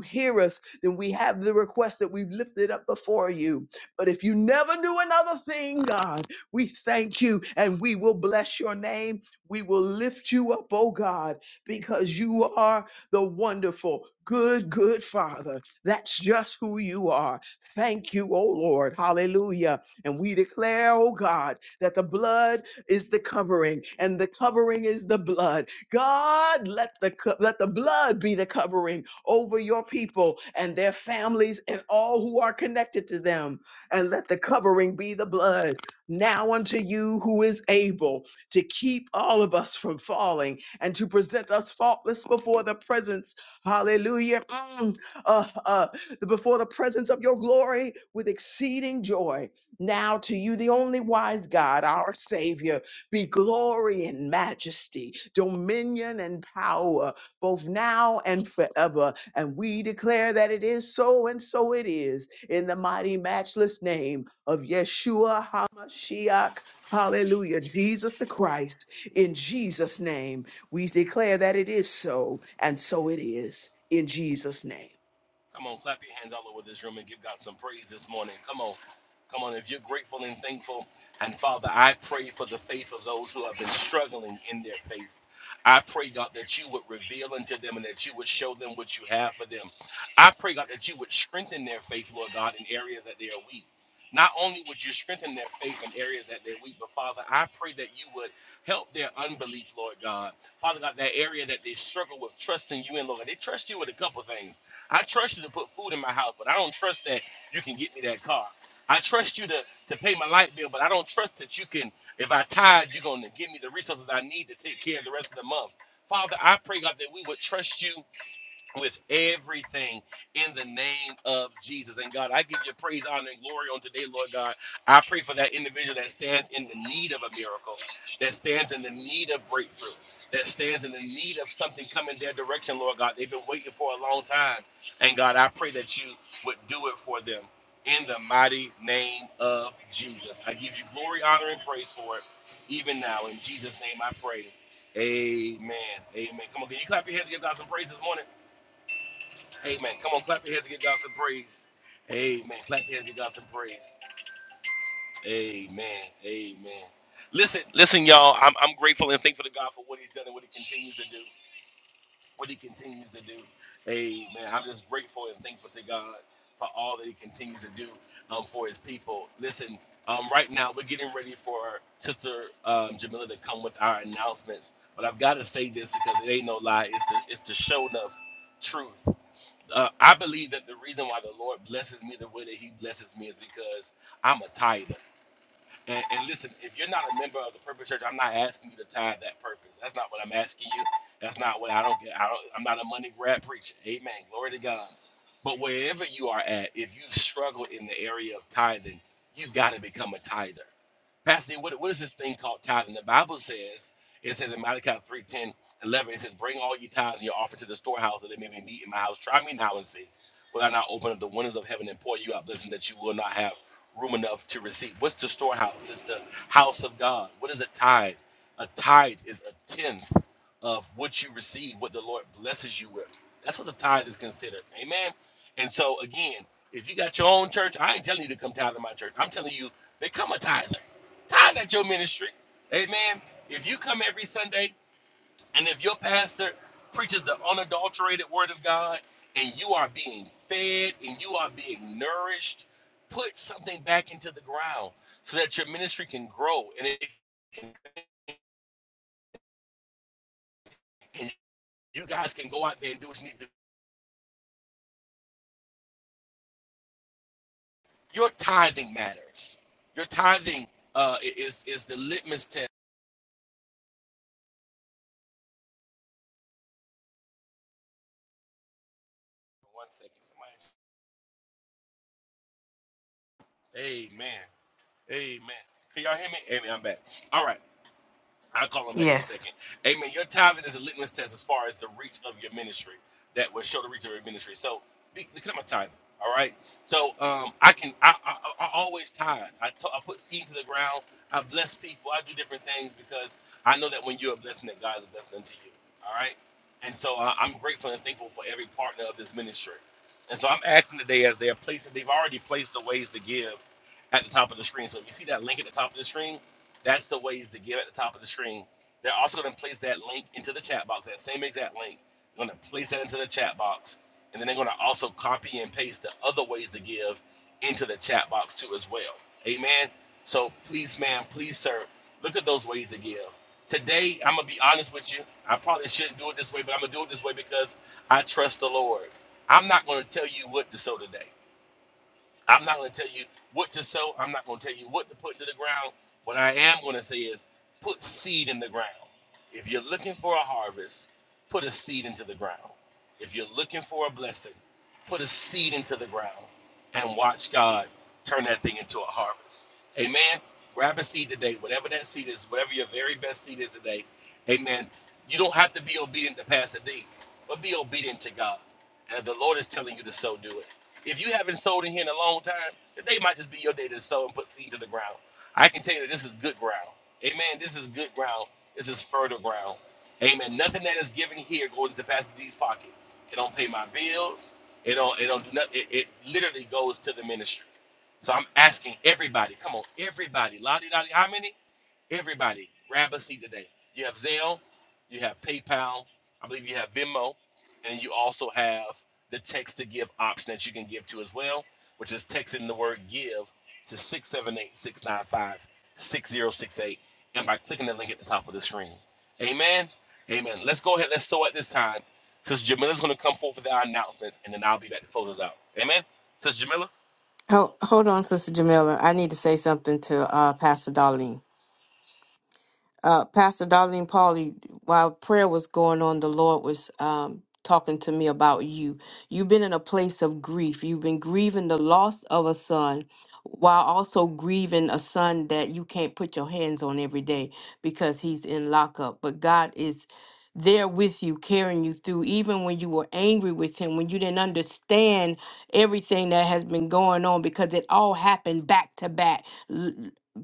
G: hear us, then we have the request that we've lifted up before you. But if you never do another thing, God, we thank you and we will bless your name. We will lift you up, oh God, because you are the wonderful, good, good Father. That's just who you are. Thank you, oh Lord. Hallelujah. And we declare, oh God, that the blood is the covering and the covering is the blood. God, let the co- let the blood be the covering over your people and their families and all who are connected to them. And let the covering be the blood. Now unto you who is able to keep all of us from falling and to present us faultless before the presence, hallelujah, mm, uh, uh, before the presence of your glory with exceeding joy. Now to you, the only wise God, our Savior, be glory and majesty, dominion and power, both now and forever. And we declare that it is so, and so it is in the mighty, matchless name of Yeshua HaMashiach. Hallelujah. Jesus the Christ. In Jesus' name, we declare that it is so, and so it is. In Jesus' name.
C: Come on, clap your hands all over this room and give God some praise this morning. Come on. Come on, if you're grateful and thankful. And Father, I pray for the faith of those who have been struggling in their faith. I pray, God, that you would reveal unto them and that you would show them what you have for them. I pray, God, that you would strengthen their faith, Lord God, in areas that they are weak. Not only would you strengthen their faith in areas that they're weak, but Father, I pray that you would help their unbelief, Lord God. Father God, that area that they struggle with trusting you in, Lord God, they trust you with a couple things. I trust you to put food in my house, but I don't trust that you can get me that car. I trust you to, to pay my light bill, but I don't trust that you can, if I tithe, you're going to give me the resources I need to take care of the rest of the month. Father, I pray, God, that we would trust you with everything in the name of Jesus. And God, I give you praise, honor, and glory on today, Lord God. I pray for that individual that stands in the need of a miracle, that stands in the need of breakthrough, that stands in the need of something coming their direction, Lord God. They've been waiting for a long time. And God, I pray that you would do it for them in the mighty name of Jesus. I give you glory, honor, and praise for it, even now. In Jesus' name I pray. Amen. Amen. Come on, can you clap your hands and give God some praise this morning? Amen. Come on, clap your hands and give God some praise. Amen. Clap your hands and give God some praise. Amen. Amen. Listen, listen, y'all. I'm, I'm grateful and thankful to God for what He's done and what He continues to do. What He continues to do. Amen. I'm just grateful and thankful to God for all that He continues to do um, for His people. Listen, um, right now we're getting ready for Sister um, Jamila to come with our announcements, but I've got to say this because it ain't no lie. It's the it's the show enough truth uh, I believe that the reason why the Lord blesses me the way that He blesses me is because I'm a tither. And, and listen, if you're not a member of the Purpose Church, I'm not asking you to tithe that purpose. That's not what I'm asking you. That's not what I don't get. I don't, I'm not a money grab preacher. Amen. Glory to God. But wherever you are at, if you struggle in the area of tithing, you got to become a tither. Pastor, what, what is this thing called tithing? The Bible says, it says in Malachi 3:10, 11, it says, Bring all your tithes and your offering to the storehouse that they may be meat in my house. Try me now and see. Will I not open up the windows of heaven and pour you out blessing that you will not have room enough to receive? What's the storehouse? It's the house of God. What is a tithe? A tithe is a tenth of what you receive, what the Lord blesses you with. That's what the tithe is considered. Amen. And so again, if you got your own church, I ain't telling you to come tithe in my church. I'm telling you, become a tither. Tithe at your ministry. Amen. If you come every Sunday and if your pastor preaches the unadulterated word of God and you are being fed and you are being nourished, put something back into the ground so that your ministry can grow and, it, can, and you guys can go out there and do what you need to do. Your tithing matters. Your tithing uh, is, is the litmus test. One second, somebody. Amen. Amen. Can y'all hear me? Amen. I'm back. All right. I'll call him back in a
A: Yes.
C: second. Amen. Your tithing is a litmus test as far as the reach of your ministry. That will show the reach of your ministry. So be, become a tither. All right. So um, I can I, I, I I always tithe. I t- I put seed to the ground. I bless people. I do different things because I know that when you're a blessing, that God is a blessing unto you. All right. And so uh, I'm grateful and thankful for every partner of this ministry. And so I'm asking today as they are placing, they've already placed the ways to give at the top of the screen. So if you see that link at the top of the screen, that's the ways to give at the top of the screen. They're also going to place that link into the chat box, that same exact link. They're going to place that into the chat box. And then they're going to also copy and paste the other ways to give into the chat box too as well. Amen. So please, ma'am, please, sir, look at those ways to give. Today, I'm going to be honest with you. I probably shouldn't do it this way, but I'm going to do it this way because I trust the Lord. I'm not going to tell you what to sow today. I'm not going to tell you what to sow. I'm not going to tell you what to put to the ground. What I am going to say is put seed in the ground. If you're looking for a harvest, put a seed into the ground. If you're looking for a blessing, put a seed into the ground and watch God turn that thing into a harvest. Amen. Grab a seed today, whatever that seed is, whatever your very best seed is today. Amen. You don't have to be obedient to Pastor D, but be obedient to God. And if the Lord is telling you to so, do it. If you haven't sold in here in a long time, today might just be your day to sow and put seed to the ground. I can tell you that this is good ground. Amen. This is good ground. This is fertile ground. Amen. Nothing that is given here goes into Pastor D's pocket. It don't pay my bills. It don't. It don't do nothing. It, it literally goes to the ministry. So I'm asking everybody. Come on, everybody. Lottie, lottie. How many? Everybody, grab a seat today. You have Zelle, you have PayPal, I believe you have Venmo, and you also have the text to give option that you can give to as well, which is texting the word give to 6786956068, and by clicking the link at the top of the screen. Amen. Amen. Let's go ahead. Let's sow at this time. Sister Jamila's going to come forth with our announcements, and then I'll be back to close us out. Amen. Sister Jamila?
A: Hold, hold on, Sister Jamila. I need to say something to uh, Pastor Darlene. uh, Pastor Darlene Pauli, while prayer was going on, the Lord was um, talking to me about you. You've been in a place of grief. You've been grieving the loss of a son while also grieving a son that you can't put your hands on every day because he's in lockup. But God is there with you, carrying you through, even when you were angry with him, when you didn't understand everything that has been going on, because it all happened back to back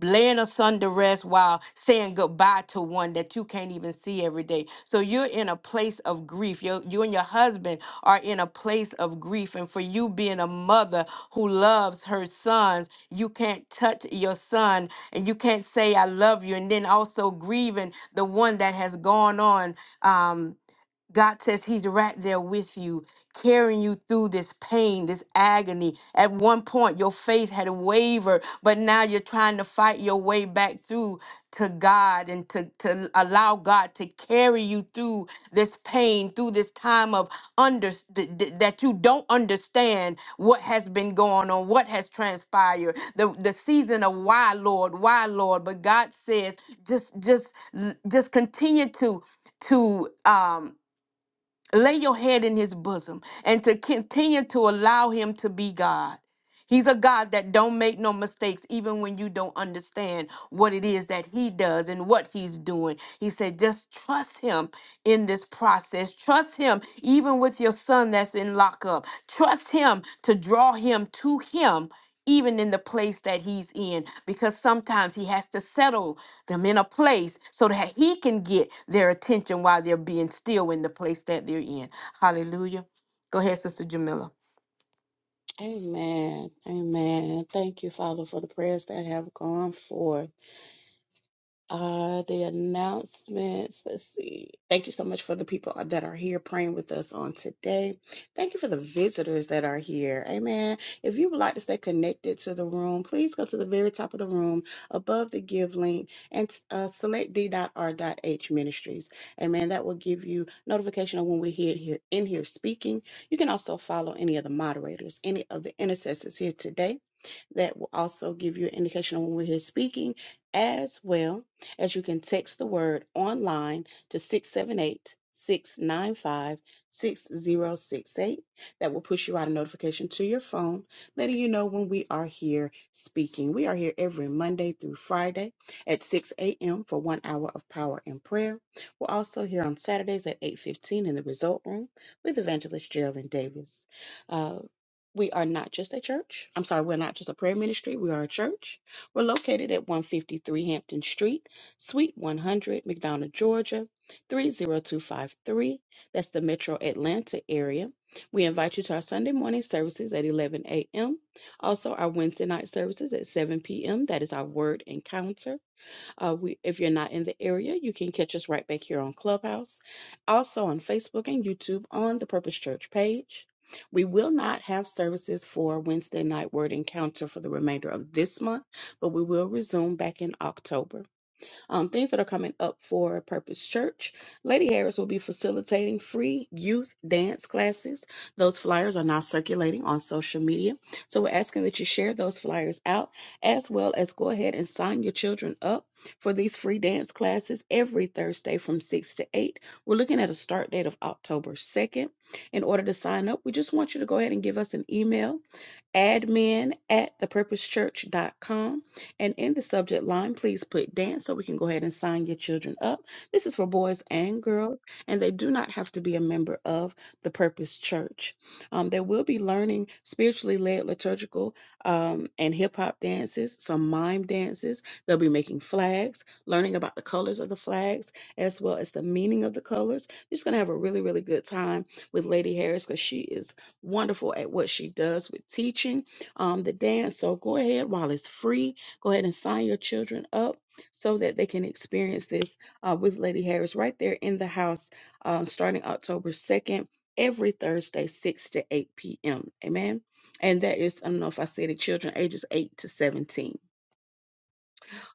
A: laying asunder to rest while saying goodbye to one that you can't even see every day. So you're in a place of grief. you you and your husband are in a place of grief. And for you being a mother who loves her sons, you can't touch your son and you can't say, I love you. And then also grieving the one that has gone on. Um. God says he's right there with you, carrying you through this pain, this agony. At one point, your faith had wavered, but now you're trying to fight your way back through to God and to, to allow God to carry you through this pain, through this time of under th- th- that you don't understand what has been going on, what has transpired, the, the season of why, Lord, why, Lord. But God says, just just just continue to to um Lay your head in his bosom and to continue to allow him to be God. He's a God that don't make no mistakes even when you don't understand what it is that he does and what he's doing. He said just trust him in this process. Trust him even with your son that's in lockup. Trust him to draw him to him even in the place that he's in, because sometimes he has to settle them in a place so that he can get their attention while they're being still in the place that they're in. Hallelujah. Go ahead, Sister Jamila.
D: Amen. Amen. Thank you, Father, for the prayers that have gone forth. Uh, the announcements. Let's see. Thank you so much for the people that are here praying with us on today. Thank you for the visitors that are here. Amen. If you would like to stay connected to the room, please go to the very top of the room above the give link and uh, select d.r.h ministries. Amen. That will give you notification of when we're here, here in here speaking. You can also follow any of the moderators, any of the intercessors here today. That will also give you an indication of when we're here speaking, as well as you can text the word online to 678 695 6068. That will push you out a notification to your phone, letting you know when we are here speaking. We are here every Monday through Friday at 6 a.m. for one hour of power and prayer. We're also here on Saturdays at 8:15 in the Result Room with Evangelist Geraldine Davis. Uh, we are not just a church. I'm sorry, we're not just a prayer ministry. We are a church. We're located at 153 Hampton Street, Suite 100, McDonough, Georgia, 30253. That's the metro Atlanta area. We invite you to our Sunday morning services at 11 a.m. Also, our Wednesday night services at 7 p.m. That is our word encounter. Uh, we, if you're not in the area, you can catch us right back here on Clubhouse, also on Facebook and YouTube on the Purpose Church page. We will not have services for Wednesday night word encounter for the remainder of this month, but we will resume back in October um, things that are coming up for Purpose Church. Lady Harris will be facilitating free youth dance classes. Those flyers are now circulating on social media. So we're asking that you share those flyers out as well as go ahead and sign your children up for these free dance classes every Thursday from 6 to 8. We're looking at a start date of October 2nd. In order to sign up, we just want you to go ahead and give us an email admin at thepurposechurch.com. And in the subject line, please put dance so we can go ahead and sign your children up. This is for boys and girls, and they do not have to be a member of the Purpose Church. Um, they will be learning spiritually led liturgical um, and hip hop dances, some mime dances. They'll be making flags, learning about the colors of the flags, as well as the meaning of the colors. You're just going to have a really, really good time with Lady Harris because she is wonderful at what she does with teaching um, the dance. So go ahead while it's free, go ahead and sign your children up so that they can experience this uh, with Lady Harris right there in the house uh, starting October 2nd, every Thursday, 6 to 8 p.m. Amen. And that is, I don't know if I said it, children ages 8 to 17.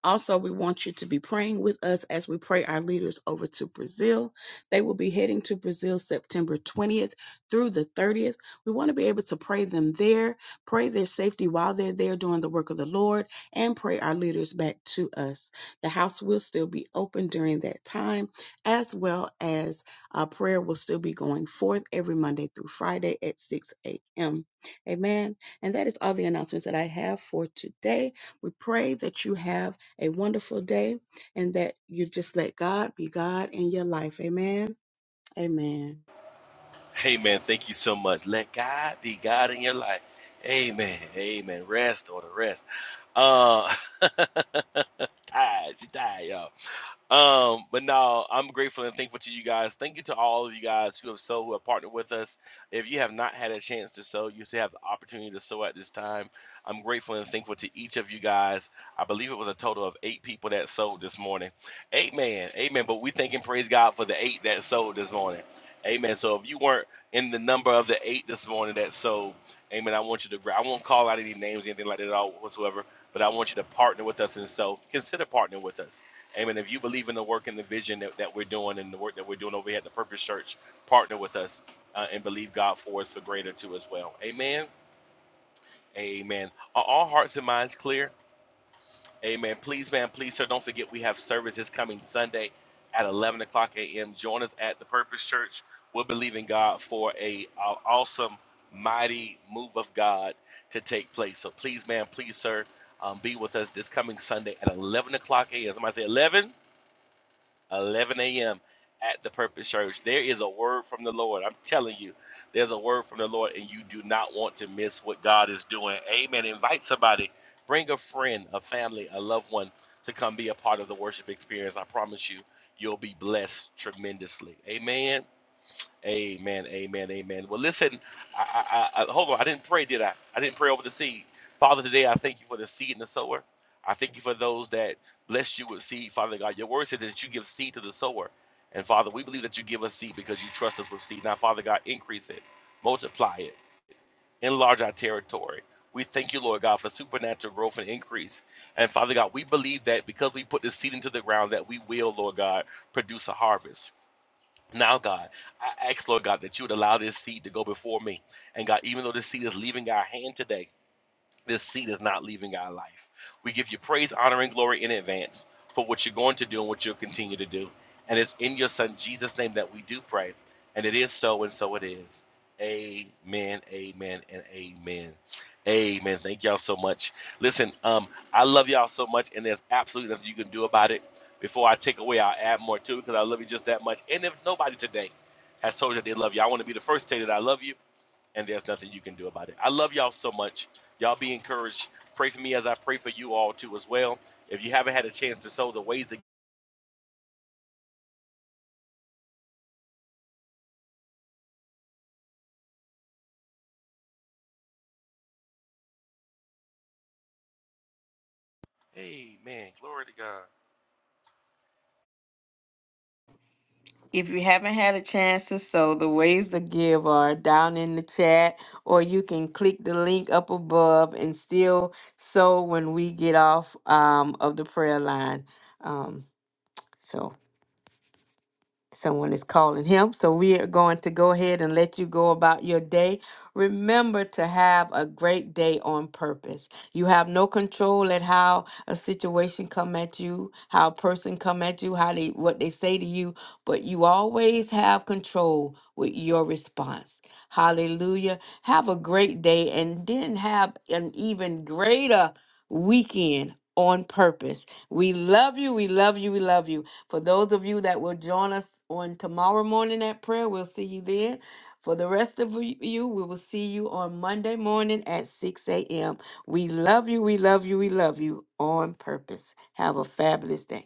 D: Also, we want you to be praying with us as we pray our leaders over to Brazil. They will be heading to Brazil September 20th through the 30th. We want to be able to pray them there, pray their safety while they're there doing the work of the Lord, and pray our leaders back to us. The house will still be open during that time, as well as uh, prayer will still be going forth every Monday through Friday at 6 a.m. Amen. And that is all the announcements that I have for today. We pray that you have a wonderful day and that you just let God be God in your life. Amen. Amen.
C: Amen. Thank you so much. Let God be God in your life. Amen. Amen. Rest or the rest. Uh, tired. She tired, y'all. Um, but no, I'm grateful and thankful to you guys. Thank you to all of you guys who have sold, who have partnered with us. If you have not had a chance to sow, you still have the opportunity to sow at this time. I'm grateful and thankful to each of you guys. I believe it was a total of eight people that sold this morning. Amen. Amen. But we thank and praise God for the eight that sold this morning. Amen. So if you weren't in the number of the eight this morning that so, amen, I want you to, I won't call out any names, anything like that at all whatsoever, but I want you to partner with us. And so consider partnering with us. Amen. If you believe in the work and the vision that, that we're doing and the work that we're doing over here at the Purpose Church, partner with us uh, and believe God for us for greater too as well. Amen. Amen. Are all hearts and minds clear? Amen. Please, man, please, sir, don't forget we have services coming Sunday at 11 o'clock a.m. Join us at the Purpose Church. We're believing God for a, a awesome, mighty move of God to take place. So please, man, please, sir, um, be with us this coming Sunday at 11 o'clock a.m. Somebody say 11? 11 a.m. at the Purpose Church. There is a word from the Lord. I'm telling you, there's a word from the Lord, and you do not want to miss what God is doing. Amen. Invite somebody, bring a friend, a family, a loved one to come be a part of the worship experience. I promise you, you'll be blessed tremendously. Amen. Amen. Amen. Amen. Well, listen. I, I, I hold on. I didn't pray, did I? I didn't pray over the seed. Father, today I thank you for the seed and the sower. I thank you for those that blessed you with seed, Father God. Your word said that you give seed to the sower, and Father, we believe that you give us seed because you trust us with seed. Now, Father God, increase it, multiply it, enlarge our territory. We thank you, Lord God, for supernatural growth and increase. And Father God, we believe that because we put this seed into the ground, that we will, Lord God, produce a harvest. Now, God, I ask, Lord God, that you would allow this seed to go before me. And God, even though this seed is leaving our hand today, this seed is not leaving our life. We give you praise, honor, and glory in advance for what you're going to do and what you'll continue to do. And it's in your Son Jesus' name that we do pray. And it is so, and so it is. Amen, amen, and amen. Amen. Thank y'all so much. Listen, um, I love y'all so much, and there's absolutely nothing you can do about it. Before I take away, I'll add more to it because I love you just that much. And if nobody today has told you they love you, I want to be the first to tell you that I love you and there's nothing you can do about it. I love y'all so much. Y'all be encouraged. Pray for me as I pray for you all too as well. If you haven't had a chance to sow the ways of Amen. Glory to God.
A: If you haven't had a chance to sow, the ways to give are down in the chat, or you can click the link up above and still sow when we get off um, of the prayer line. Um, so. Someone is calling him. So we are going to go ahead and let you go about your day. Remember to have a great day on purpose. You have no control at how a situation come at you, how a person come at you, how they what they say to you, but you always have control with your response. Hallelujah. Have a great day and then have an even greater weekend on purpose. We love you. We love you. We love you. For those of you that will join us on tomorrow morning at prayer, we'll see you then. For the rest of y- you, we will see you on Monday morning at 6 a.m. We love you, we love you, we love you on purpose. Have a fabulous day.